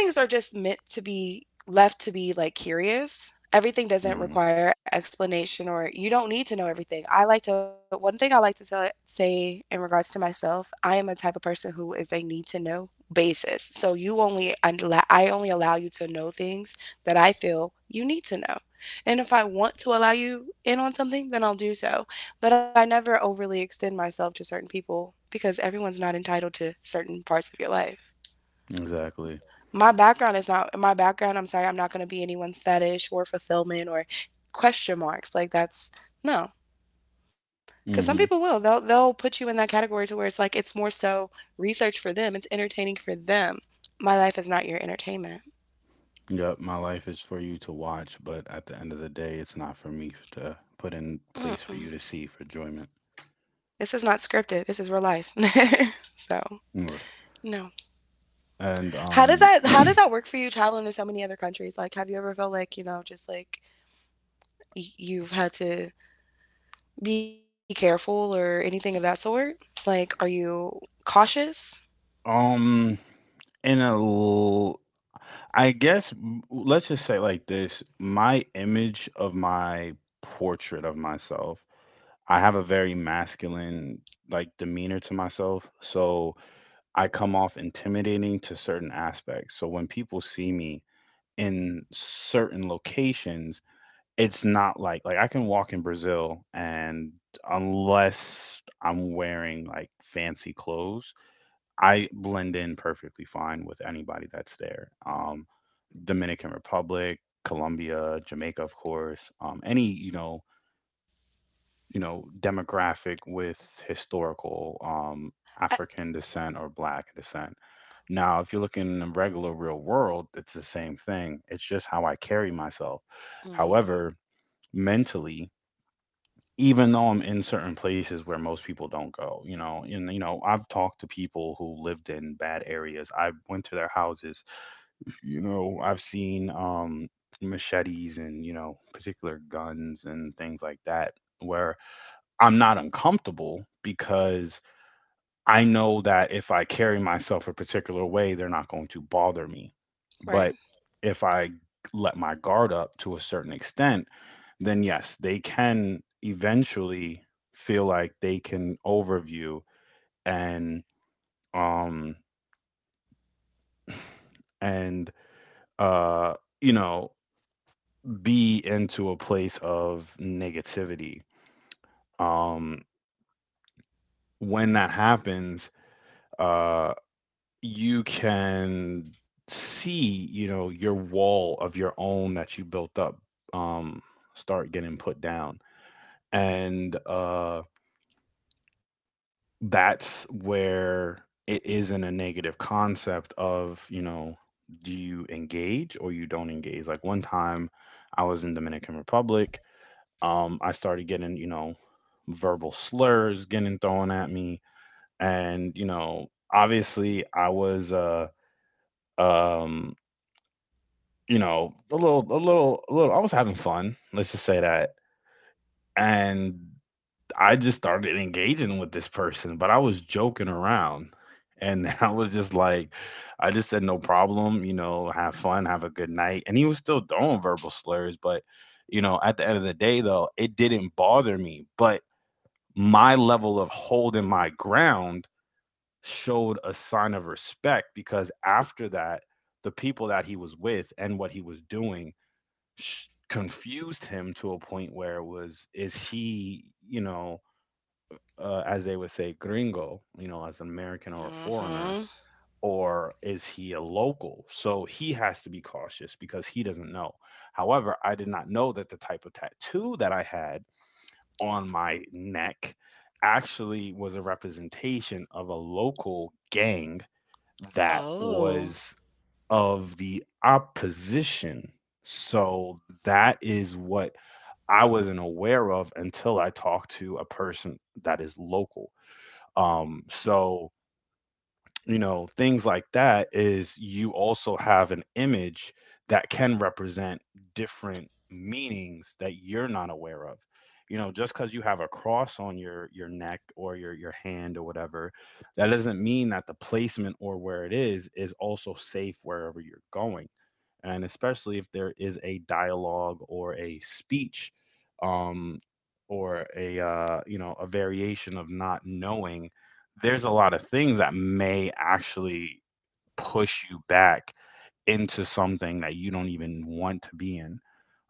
Speaker 2: some things are just meant to be left to be like curious.
Speaker 1: hmm
Speaker 2: Everything doesn't require explanation or you don't need to know everything. I like to one thing I like to tell, say in regards to myself, I am a type of person who is a need to know basis. So you I only allow you to know things that I feel you need to know. And if I want to allow you in on something, then I'll do so. But I never overly extend myself to certain people because everyone's not entitled to certain parts of your life
Speaker 1: exactly.
Speaker 2: my background is not my background. I'm sorry, I'm not going to be anyone's fetish or fulfillment or question marks. Like that's no, because some
Speaker 1: hmm
Speaker 2: people will. They'll put you in that category to where it's like it's more so research for them. It's entertaining for them. My life is not your entertainment.
Speaker 1: Yep, my life is for you to watch, but at the end of the day, it's not for me to put in place for you to
Speaker 2: Mm-mm.
Speaker 1: see for enjoyment.
Speaker 2: This is not scripted. This is real life. so no.
Speaker 1: And
Speaker 2: How does that how does that work for you traveling to so many other countries? Like, have you ever felt like you know just like you've had to be careful or anything of that sort? Like, are you cautious?
Speaker 1: um in I guess let's just say like this. My image of my portrait of myself, I have a very masculine like demeanor to myself, so I come off intimidating to certain aspects. So when people see me in certain locations, it's not like I can walk in Brazil and unless I'm wearing like fancy clothes, I blend in perfectly fine with anybody that's there. Dominican Republic, Colombia, Jamaica, of course. Any you know demographic with historical
Speaker 2: I,
Speaker 1: African descent or Black descent. Now, if you are looking in the regular real world, it's the same thing. It's just how I carry myself.
Speaker 2: hmm.
Speaker 1: However, mentally, even though I'm in certain places where most people don't go, you know, and you know, I've talked to people who lived in bad areas. I went to their houses. You know, I've seen machetes and, you know, particular guns and things like that where I'm not uncomfortable because I know that if I carry myself a particular way, they're not going to bother me. But
Speaker 2: Right.
Speaker 1: if I let my guard up to a certain extent, then yes, they can eventually feel like they can overview and um and uh you know be into a place of negativity. Um when that happens, uh you can see, you know, your wall of your own that you built up um start getting put down. And that's where it isn't a negative concept of, you know, do you engage or you don't engage? Like one time I was in Dominican Republic, I started getting, you know, verbal slurs getting thrown at me. And, you know, obviously I was um, you know, a little I was having fun. Let's just say that. And I just started engaging with this person, but I was joking around. And I was just like, I just said, no problem, you know, have fun, have a good night. And he was still throwing verbal slurs. But, you know, at the end of the day, though, it didn't bother me. But my level of holding my ground showed a sign of respect because after that, the people that he was with and what he was doing confused him to a point where it was, is he, you know, as they would say, gringo, you know, as an American or a
Speaker 2: Hmm.
Speaker 1: foreigner, or is he a local? So he has to be cautious because he doesn't know. However, I did not know that the type of tattoo that I had on my neck actually was a representation of a local gang that
Speaker 2: Oh.
Speaker 1: was of the opposition. So that is what I wasn't aware of until I talked to a person that is local. So, you know, things like that is you also have an image that can represent different meanings that you're not aware of. You know, just because you have a cross on your neck or your hand or whatever, that doesn't mean that the placement or where it is also safe wherever you're going, and especially if there is a dialogue or a speech um, or a you know, a variation of not knowing, there's a lot of things that may actually push you back into something that you don't even want to be in.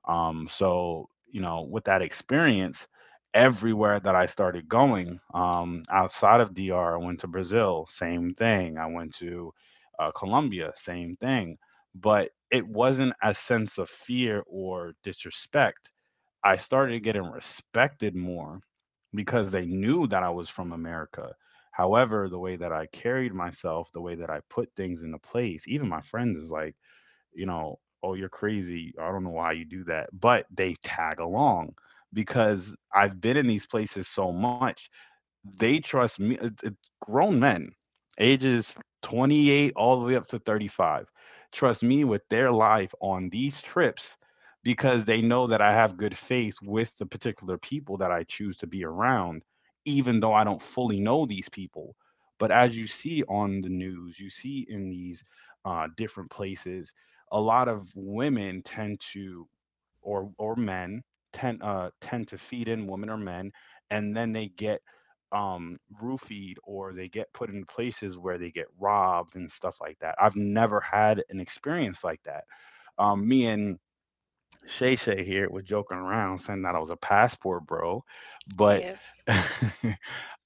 Speaker 1: Um, so, you know, with that experience, everywhere that I started going outside of DR, I went to Brazil, same thing. I went to Colombia, same thing. But it wasn't a sense of fear or disrespect. I started getting respected more because they knew that I was from America. However, the way that I carried myself, the way that I put things into place, even my friends is like, you know, oh, you're crazy. I don't know why you do that. But they tag along because I've been in these places so much they trust me. It's grown men, ages 28 all the way up to 35, trust me with their life on these trips because they know that I have good faith with the particular people that I choose to be around, even though I don't fully know these people. But as you see on the news, you see in these different places, a lot of women tend to, or men tend to feed in women or men, and then they get roofied or they get put in places where they get robbed and stuff like that. I've never had an experience like that. Me and Shay Shay here was joking around saying that I was a passport bro,
Speaker 2: He
Speaker 1: but
Speaker 2: is.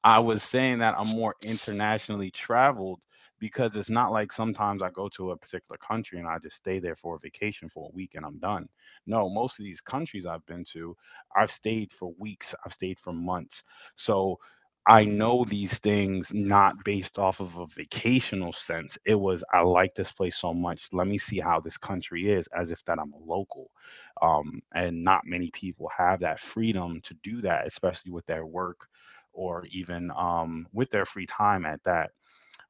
Speaker 1: I was saying that I'm more internationally traveled because it's not like sometimes I go to a particular country and I just stay there for a vacation for a week and I'm done. No, most of these countries I've been to, I've stayed for weeks, I've stayed for months. So I know these things not based off of a vacational sense. It was, I like this place so much. Let me see how this country is, as if that I'm a local. And not many people have that freedom to do that, especially with their work or even with their free time at that.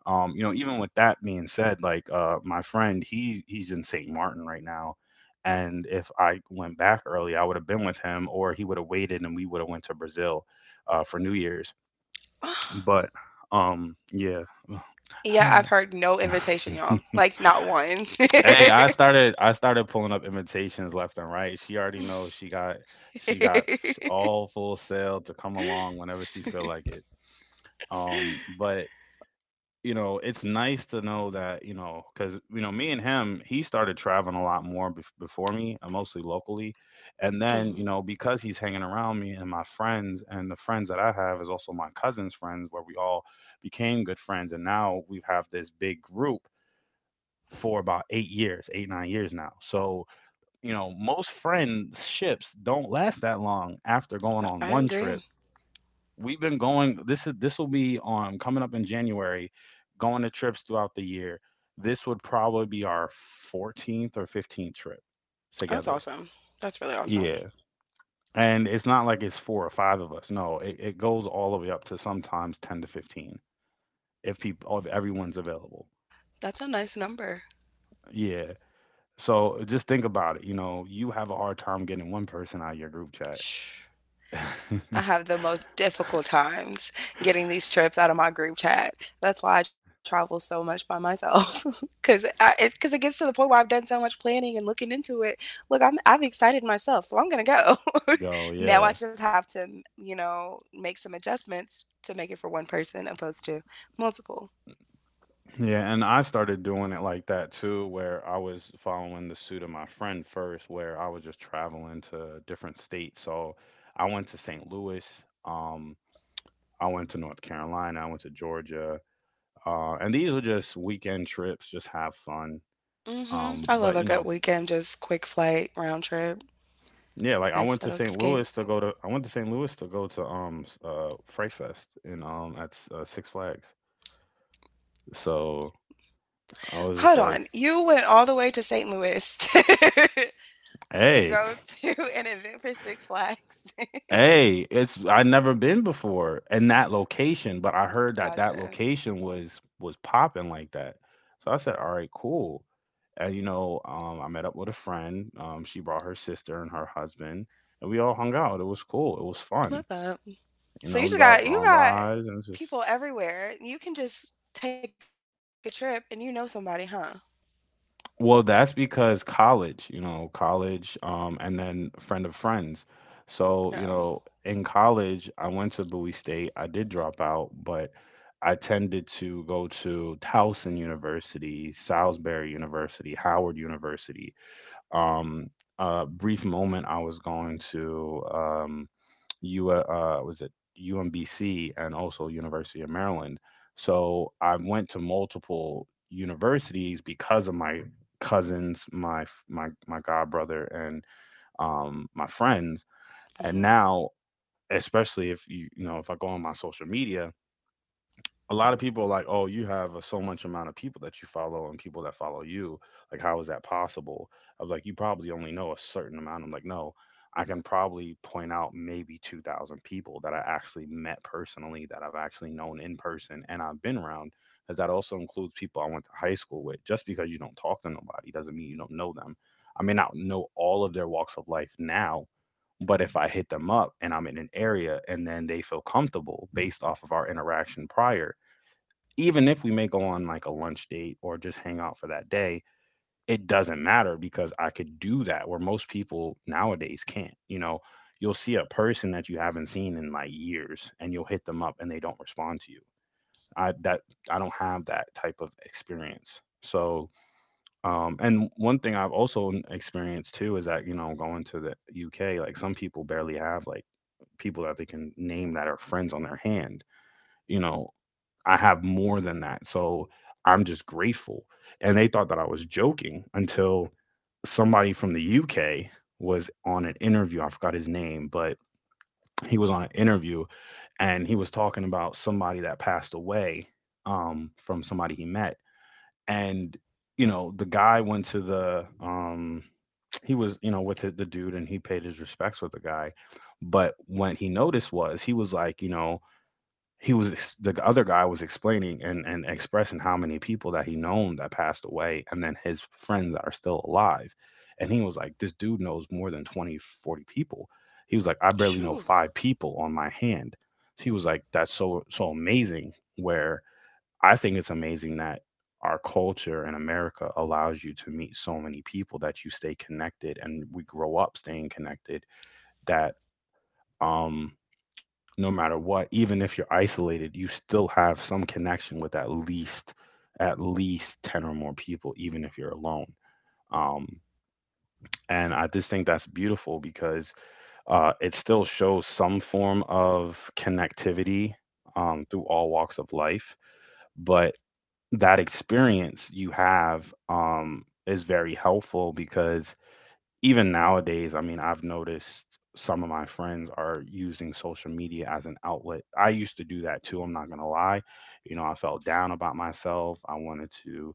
Speaker 1: You know, even with that being said, like my friend, he's in St. Martin right now, and if I went back early, I would have been with him, or he would have waited, and we would have went to Brazil for New Year's. But yeah.
Speaker 2: Yeah, I've
Speaker 1: Hey,
Speaker 2: heard no invitation, y'all. Like, not one.
Speaker 1: I started pulling up invitations left and right. She already knows she got all full sail to come along whenever she feel like it. But you know, it's nice to know that, you know, because, you know, me and him, he started traveling a lot more before me, mostly locally. And
Speaker 2: hmm.
Speaker 1: then, you know, because he's hanging around me and my friends, and the friends that I have is also my cousin's friends, where we all became good friends. And now we have this big group for about 8 years, eight, 9 years now. So, you know, most friendships don't last that long after going on
Speaker 2: I
Speaker 1: one
Speaker 2: agree.
Speaker 1: trip. We've been going, this is, this will be on coming up in January, going to trips throughout the year. This would probably be our 14th or 15th trip
Speaker 2: That's
Speaker 1: together.
Speaker 2: awesome. That's really awesome.
Speaker 1: Yeah. And it's not like it's four or five of us. No, it goes all the way up to sometimes 10 to 15 if people if everyone's available.
Speaker 2: That's a nice number.
Speaker 1: Yeah. So just think about it, you know, you have a hard time getting one person out of your group chat.
Speaker 2: Shh. I have the most difficult times getting these trips out of my group chat. That's why I travel so much by myself because it gets to the point where I've done so much planning and looking into it. Look, I've excited myself, so I'm gonna go.
Speaker 1: Go,
Speaker 2: now
Speaker 1: yeah.
Speaker 2: I just have to you know make some adjustments to make it for one person opposed to multiple.
Speaker 1: Yeah, and I started doing it like that too, where I was following the suit of my friend first, where I was just traveling to different states. So I went to St. Louis, I went to North Carolina, I went to Georgia, and these were just weekend trips, just have fun.
Speaker 2: Hmm. I love
Speaker 1: But
Speaker 2: a
Speaker 1: you
Speaker 2: good
Speaker 1: know,
Speaker 2: weekend, just quick flight, round trip,
Speaker 1: yeah, like I went to
Speaker 2: nice little
Speaker 1: St. Louis
Speaker 2: escape.
Speaker 1: to go to, I went to St. Louis to go to Fright Fest in at Six Flags. So I was
Speaker 2: Hold
Speaker 1: just
Speaker 2: on,
Speaker 1: like,
Speaker 2: you went all the way to St. Louis to
Speaker 1: hey.
Speaker 2: go to an event for Six Flags.
Speaker 1: Hey, it's, I never been before in that location, but I heard that that
Speaker 2: gotcha.
Speaker 1: location was popping like that. So I said, "All right, cool." And you know, I met up with a friend. She brought her sister and her husband, and we all hung out. It was cool. It was
Speaker 2: Love
Speaker 1: fun.
Speaker 2: that.
Speaker 1: You
Speaker 2: So
Speaker 1: know, we got
Speaker 2: you
Speaker 1: on
Speaker 2: got
Speaker 1: rides and just
Speaker 2: people everywhere. You can just take a trip and you know somebody, huh?
Speaker 1: well, that's because college, you know, college, and then friend of friends. So,
Speaker 2: Yeah.
Speaker 1: you know, in college, I went to Bowie State. I did drop out, but I tended to go to Towson University, Salisbury University, Howard University. Um, a brief moment, I was going to U was it UMBC and also University of Maryland. So I went to multiple universities because of my cousins, my god brother, and my friends. And
Speaker 2: Mm-hmm.
Speaker 1: now, especially if you you know if I go on my social media, a lot of people are like, oh, you have a, so much amount of people that you follow and people that follow you. Like, how is that possible? I was like, you probably only know a certain amount. I'm like, no, I can probably point out maybe 2,000 people that I actually met personally, that I've actually known in person and I've been around. Because that also includes people I went to high school with. Just because you don't talk to nobody doesn't mean you don't know them. I may not know all of their walks of life now, but if I hit them up and I'm in an area and then they feel comfortable based off of our interaction prior, even if we may go on like a lunch date or just hang out for that day, it doesn't matter because I could do that where most people nowadays can't. You know, you'll see a person that you haven't seen in like years and you'll hit them up and they don't respond to you. I that I don't have that type of experience. So, and one thing I've also experienced too is that, you know, going to the UK, like some people barely have like people that they can name that are friends on their hand you know I have more than that. So I'm just grateful. And they thought that I was joking until somebody from the UK was on an interview. I forgot his name, but he was on an interview and he was talking about somebody that passed away from somebody he met. And, you know, the guy went to the, he was, you know, with the dude and he paid his respects with the guy. But what he noticed was he was like, you know, the other guy was explaining and expressing how many people that he known that passed away and then his friends that are still alive, and he was like, this dude knows more than 20 40 people. He was like, I barely
Speaker 2: Shoo.
Speaker 1: know five people on my hand. He was like, that's so so amazing. Where I think it's amazing that our culture in America allows you to meet so many people that you stay connected and we grow up staying connected. That um, no matter what, even if you're isolated, you still have some connection with at least 10 or more people, even if you're alone. Um, and I just think that's beautiful because it still shows some form of connectivity through all walks of life. But that experience you have is very helpful because even nowadays, I mean, I've noticed some of my friends are using social media as an outlet. I used to do that too. I'm not going to lie. You know, I felt down about myself. I wanted to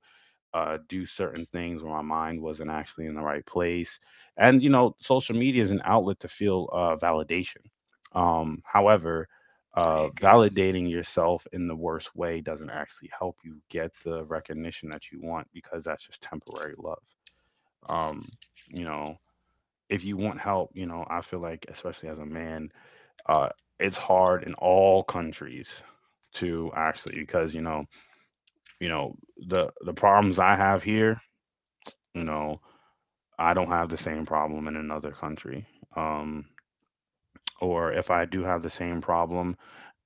Speaker 1: do certain things where my mind wasn't actually in the right place. And, you know, social media is an outlet to feel validation. However,
Speaker 2: I agree.
Speaker 1: validating yourself in the worst way doesn't actually help you get the recognition that you want because that's just temporary love. Um, you know, if you want help, you know, I feel like, especially as a man, uh, it's hard in all countries to actually because you know, the problems I have here, you know, I don't have the same problem in another country. Um, or if I do have the same problem,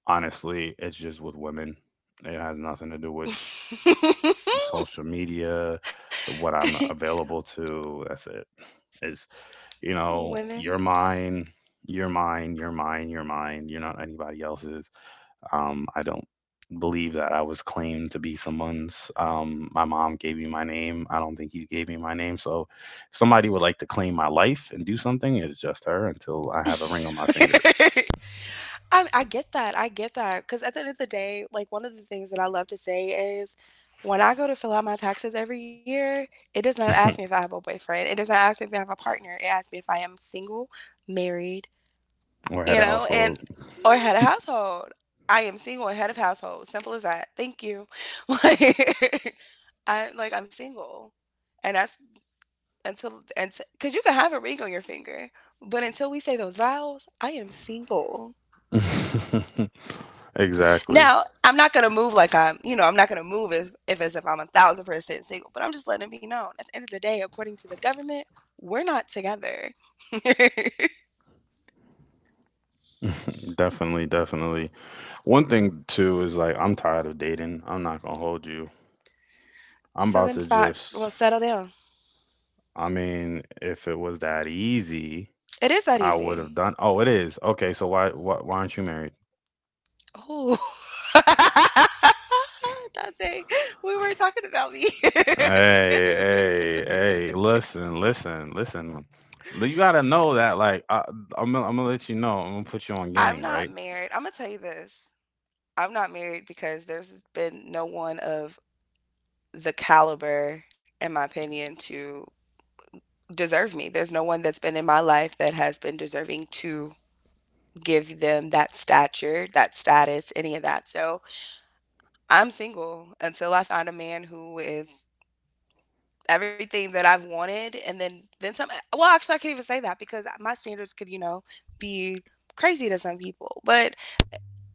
Speaker 1: honestly, it's just with women. It has nothing to do with social media, the what I'm available to. That's it. It's you know,
Speaker 2: Women.
Speaker 1: you're mine, you're mine, you're mine, you're mine. You're not anybody else's. I don't believe that I was claimed to be someone's. My mom gave me my name. I don't think you gave me my name. So if somebody would like to claim my life and do something, it's just her until I have a ring on my finger.
Speaker 2: I get that because at the end of the day, like, one of the things that I love to say is, when I go to fill out my taxes every year, it does not ask me if I have a boyfriend, it does not ask me if I have a partner, it asks me if I am single, married,
Speaker 1: Or
Speaker 2: you
Speaker 1: head of
Speaker 2: know, and
Speaker 1: household.
Speaker 2: or head of household. I am single and head of household, simple as that, thank you. Like, I'm single, and that's until and because you can have a ring on your finger, but until we say those vows, I am single.
Speaker 1: Exactly.
Speaker 2: Now, I'm not gonna move like I'm, you know, I'm not gonna move as if I'm a thousand percent single, but I'm just letting it be known. At the end of the day, according to the government, we're not together.
Speaker 1: Definitely, definitely. One thing too is like I'm tired of dating. I'm not gonna hold you. I'm
Speaker 2: so
Speaker 1: about
Speaker 2: then,
Speaker 1: to
Speaker 2: fine. Well,
Speaker 1: just
Speaker 2: settle down.
Speaker 1: I mean, if it was that easy,
Speaker 2: It is that
Speaker 1: I would
Speaker 2: easy.
Speaker 1: have done. Oh, it is. Okay, so why aren't you married?
Speaker 2: Ooh. Dante, we were talking about me.
Speaker 1: Hey, hey, hey, listen, listen, listen. You gotta know that, like, I'm, I'm gonna let you know. I'm gonna put you on
Speaker 2: I'm
Speaker 1: gang,
Speaker 2: not
Speaker 1: right?
Speaker 2: married. I'm gonna tell you this. I'm not married because there's been no one of the caliber, in my opinion, to deserve me. There's no one that's been in my life that has been deserving to give them that stature, that status, any of that. So I'm single until I find a man who is everything that I've wanted and then some well actually I can't even say that because my standards could, you know, be crazy to some people. But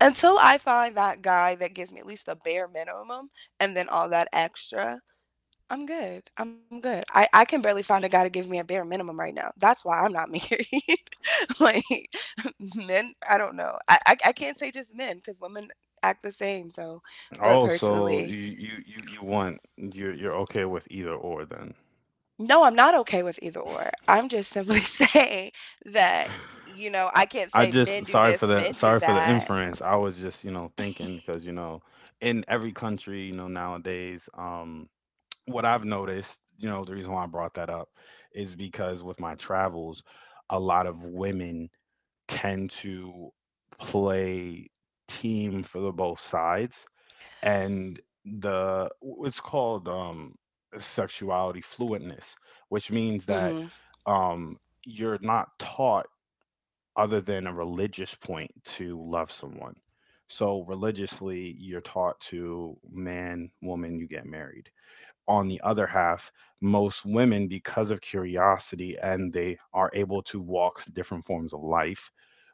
Speaker 2: until I find that guy that gives me at least the bare minimum and then all that extra, I'm good. I'm good. I can barely find a guy to give me a bare minimum right now. That's why I'm not married. like men I don't know I can't say just men because women act the same so
Speaker 1: Oh,
Speaker 2: but
Speaker 1: so
Speaker 2: personally
Speaker 1: you want you're okay with either or then?
Speaker 2: no I'm not okay with either or I'm just simply saying that you know I can't
Speaker 1: I
Speaker 2: say
Speaker 1: just
Speaker 2: men do this men
Speaker 1: sorry
Speaker 2: do
Speaker 1: for the
Speaker 2: that.
Speaker 1: inference. I was just, you know, thinking because, you know, in every country, you know, nowadays, what I've noticed, you know, the reason why I brought that up is because with my travels, a lot of women tend to play team for the both sides and the it's called sexuality fluentness, which means
Speaker 2: Hmm.
Speaker 1: that um you're not taught other than a religious point to love someone. So religiously, you're taught to man, woman, you get married on the other half, most women, because of curiosity and they are able to walk different forms of life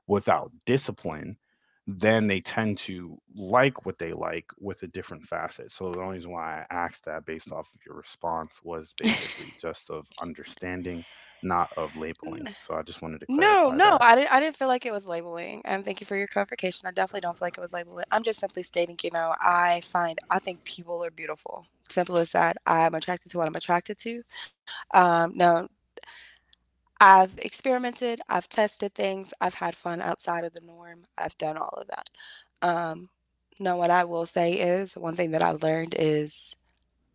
Speaker 1: without discipline, then they tend to like what they like with a different facet. So the only reason why I asked that based off of your response was basically just of understanding, not of
Speaker 2: N-
Speaker 1: labeling. So I just wanted to
Speaker 2: no
Speaker 1: clarify that.
Speaker 2: I didn't feel like it was labeling and thank you for your clarification I definitely don't feel like it was labeling I'm just simply stating you know I think people are beautiful simple as that I'm attracted to what I'm attracted to. Now, I've experimented, I've tested things, I've had fun outside of the norm. I've done all of that. Um, no, what I will say is one thing that I've learned is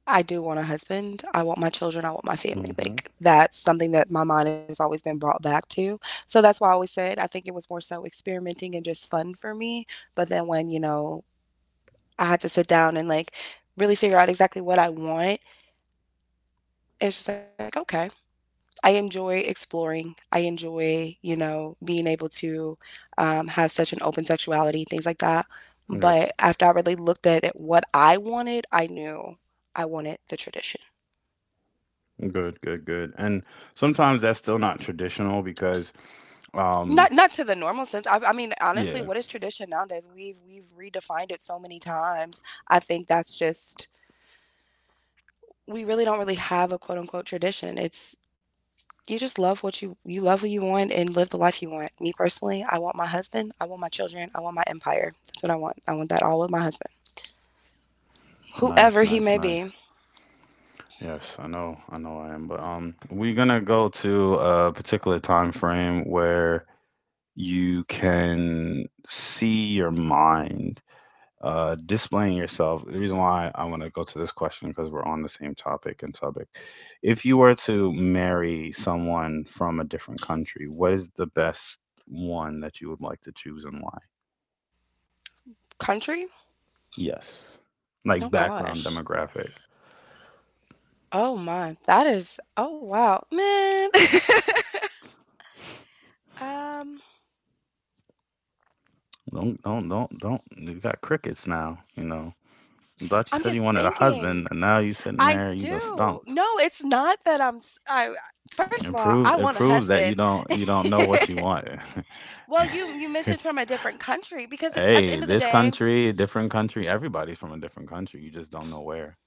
Speaker 2: I do want a husband. I want my children. I want my family.
Speaker 1: Hmm.
Speaker 2: Like that's something that my mind has always been brought back to. So that's why I always said I think it was more so experimenting and just fun for me. But then when I had to sit down and like really figure out exactly what I want, it's just like, okay, I enjoy exploring. I enjoy, being able to have such an open sexuality, things like that. But
Speaker 1: Yes.
Speaker 2: after I really looked at it, what I wanted, I knew I wanted the tradition.
Speaker 1: Good, good, good. And sometimes that's still not traditional because,
Speaker 2: Not
Speaker 1: um,
Speaker 2: not to the normal sense. I mean, honestly,
Speaker 1: yeah,
Speaker 2: what is tradition nowadays? We've redefined it so many times. I think that's just we really don't really have a quote unquote tradition. It's you just love what you love what you want and live the life you want. Me personally, I want my husband, I want my children, I want my empire. That's what I want. I want that all with my husband.
Speaker 1: nice,
Speaker 2: Whoever he
Speaker 1: nice,
Speaker 2: may be.
Speaker 1: nice. Yes, I know, I know I am, but we're gonna go to a particular time frame where you can see your mind displaying yourself. The reason why I want to go to this question because we're on the same topic and topic. If you were to marry someone from a different country, what is the best one that you would like to choose and why?
Speaker 2: Country?
Speaker 1: Yes. Like
Speaker 2: Oh
Speaker 1: background
Speaker 2: gosh.
Speaker 1: demographic.
Speaker 2: Oh my. That is oh wow. Man. um
Speaker 1: Don't you got crickets now, you know. I thought you
Speaker 2: I'm
Speaker 1: said you
Speaker 2: just
Speaker 1: wanted a husband,
Speaker 2: thinking.
Speaker 1: and now you sitting
Speaker 2: I
Speaker 1: there, you know,
Speaker 2: do.
Speaker 1: stumped.
Speaker 2: No, it's not that I first of
Speaker 1: It
Speaker 2: all, I
Speaker 1: proves
Speaker 2: want
Speaker 1: it
Speaker 2: a
Speaker 1: proves that
Speaker 2: husband.
Speaker 1: you don't know what you want.
Speaker 2: Well, you mentioned from a different country because it, at the end
Speaker 1: Hey,
Speaker 2: of the
Speaker 1: this
Speaker 2: day,
Speaker 1: country, different country, everybody's from a different country. You just don't know where.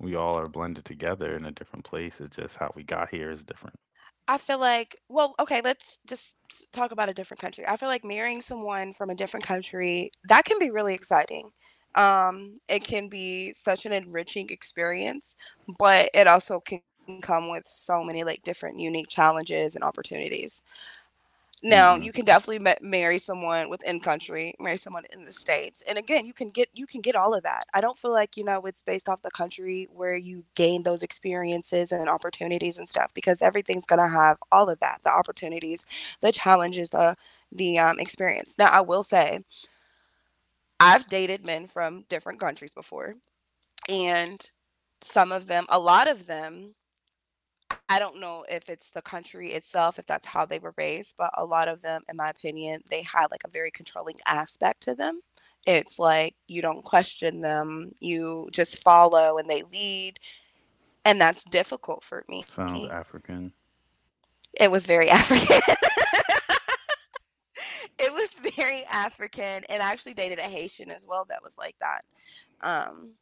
Speaker 1: We all are blended together in a different place. It's just how we got here is different.
Speaker 2: I feel like, well, okay, talk about a different country. I feel like marrying someone from a different country, that can be really exciting. It can be such an enriching experience, but it also can come with so many like different unique challenges and opportunities. Now,
Speaker 1: Mm-hmm.
Speaker 2: you can definitely marry someone within country, marry someone in the states. And again, you can get all of that. I don't feel like, you know, it's based off the country where you gain those experiences and opportunities and stuff because everything's going to have all of that, the opportunities, the challenges, the experience. Now, I will say, I've dated men from different countries before, and some of them, a lot of them I don't know if it's the country itself, if that's how they were raised, but a lot of them, in my opinion, they had like a very controlling aspect to them. It's like you don't question them, you just follow and they lead. And that's difficult for me.
Speaker 1: Sounds African.
Speaker 2: It was very African. It was very African. And I actually dated a Haitian as well that was like that. Um,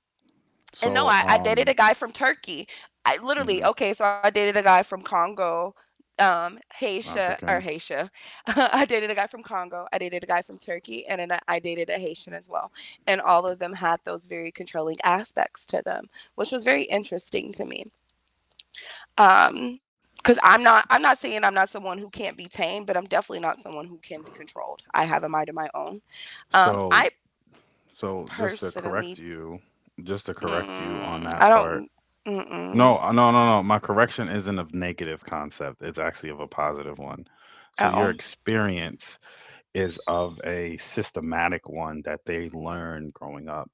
Speaker 2: and no,
Speaker 1: So,
Speaker 2: I dated a guy from Turkey. I literally
Speaker 1: hmm
Speaker 2: okay, so I dated a guy from Congo,
Speaker 1: African.
Speaker 2: Haitian. I dated a guy from Congo. I dated a guy from Turkey, and then I dated a Haitian as well. And all of them had those very controlling aspects to them, which was very interesting to me. Because I'm not saying I'm not someone who can't be tamed, but I'm definitely not someone who can be controlled. I have a mind of my own.
Speaker 1: So,
Speaker 2: I
Speaker 1: just to correct
Speaker 2: personally,
Speaker 1: you, just to correct you on
Speaker 2: I
Speaker 1: that
Speaker 2: don't,
Speaker 1: part,
Speaker 2: mm-mm,
Speaker 1: no, no, no, no. My correction isn't of negative concept. It's actually of a positive one. So
Speaker 2: oh.
Speaker 1: your experience is of a systematic one that they learn growing up.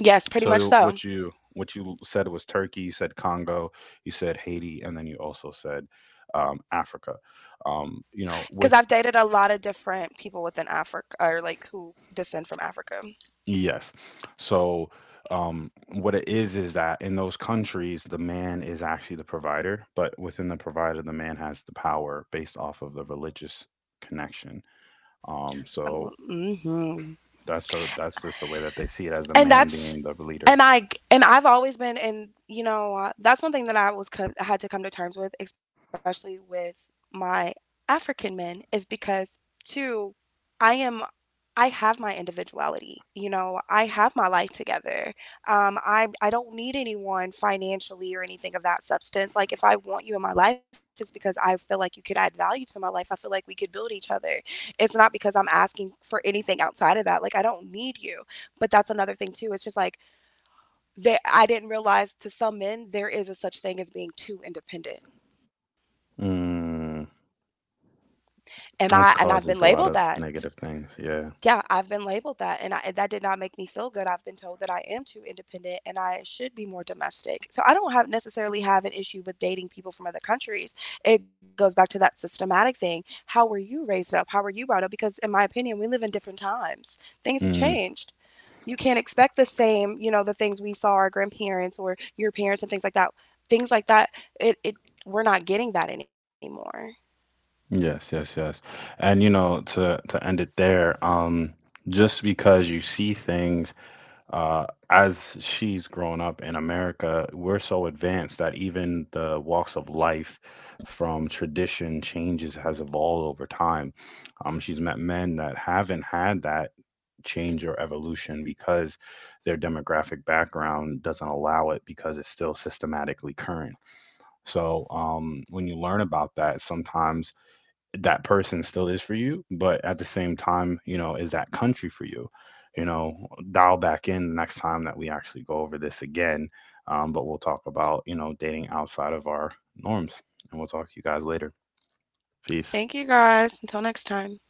Speaker 2: Yes, pretty much
Speaker 1: So
Speaker 2: so.
Speaker 1: what you said was Turkey, you said Congo, you said Haiti, and then you also said Africa. You know,
Speaker 2: Because
Speaker 1: with
Speaker 2: I've dated a lot of different people within Africa, or like who descend from Africa.
Speaker 1: yes. So, what it is that in those countries, the man is actually the provider, but within the provider, the man has the power based off of the religious connection. So
Speaker 2: Mm-hmm.
Speaker 1: that's just the way that they see it as the
Speaker 2: And
Speaker 1: man being
Speaker 2: that's,
Speaker 1: the leader,
Speaker 2: and I've always been, and you know, that's one thing that had to come to terms with, especially with my African men, is because two, I am I have my individuality. You know, I have my life together. I don't need anyone financially or anything of that substance. Like, if I want you in my life, it's because I feel like you could add value to my life. I feel like we could build each other. It's not because I'm asking for anything outside of that. Like, I don't need you. But that's another thing too. It's just like that I didn't realize to some men there is a such thing as being too independent,
Speaker 1: mm,
Speaker 2: and
Speaker 1: which
Speaker 2: I've been
Speaker 1: causes a lot
Speaker 2: labeled
Speaker 1: of
Speaker 2: that.
Speaker 1: negative things. Yeah.
Speaker 2: Yeah, I've been labeled that, and I that did not make me feel good. I've been told that I am too independent and I should be more domestic. So I don't have necessarily have an issue with dating people from other countries. It goes back to that systematic thing. How were you raised up? How were you brought up? Because in my opinion, we live in different times. Things have
Speaker 1: Mm,
Speaker 2: changed. You can't expect the same, you know, the things we saw our grandparents or your parents and things like that. Things like that, it we're not getting that anymore.
Speaker 1: yes. Yes. Yes. And you know, to end it there, just because you see things uh, as she's grown up in America, we're so advanced that even the walks of life from tradition changes has evolved over time. She's met men that haven't had that change or evolution because their demographic background doesn't allow it because it's still systematically current. So when you learn about that, sometimes that person still is for you, but at the same time, you know, is that country for you? You know, dial back in the next time that we actually go over this again. But we'll talk about, you know, dating outside of our norms. And we'll talk to you guys later. Peace.
Speaker 2: Thank you guys. Until next time.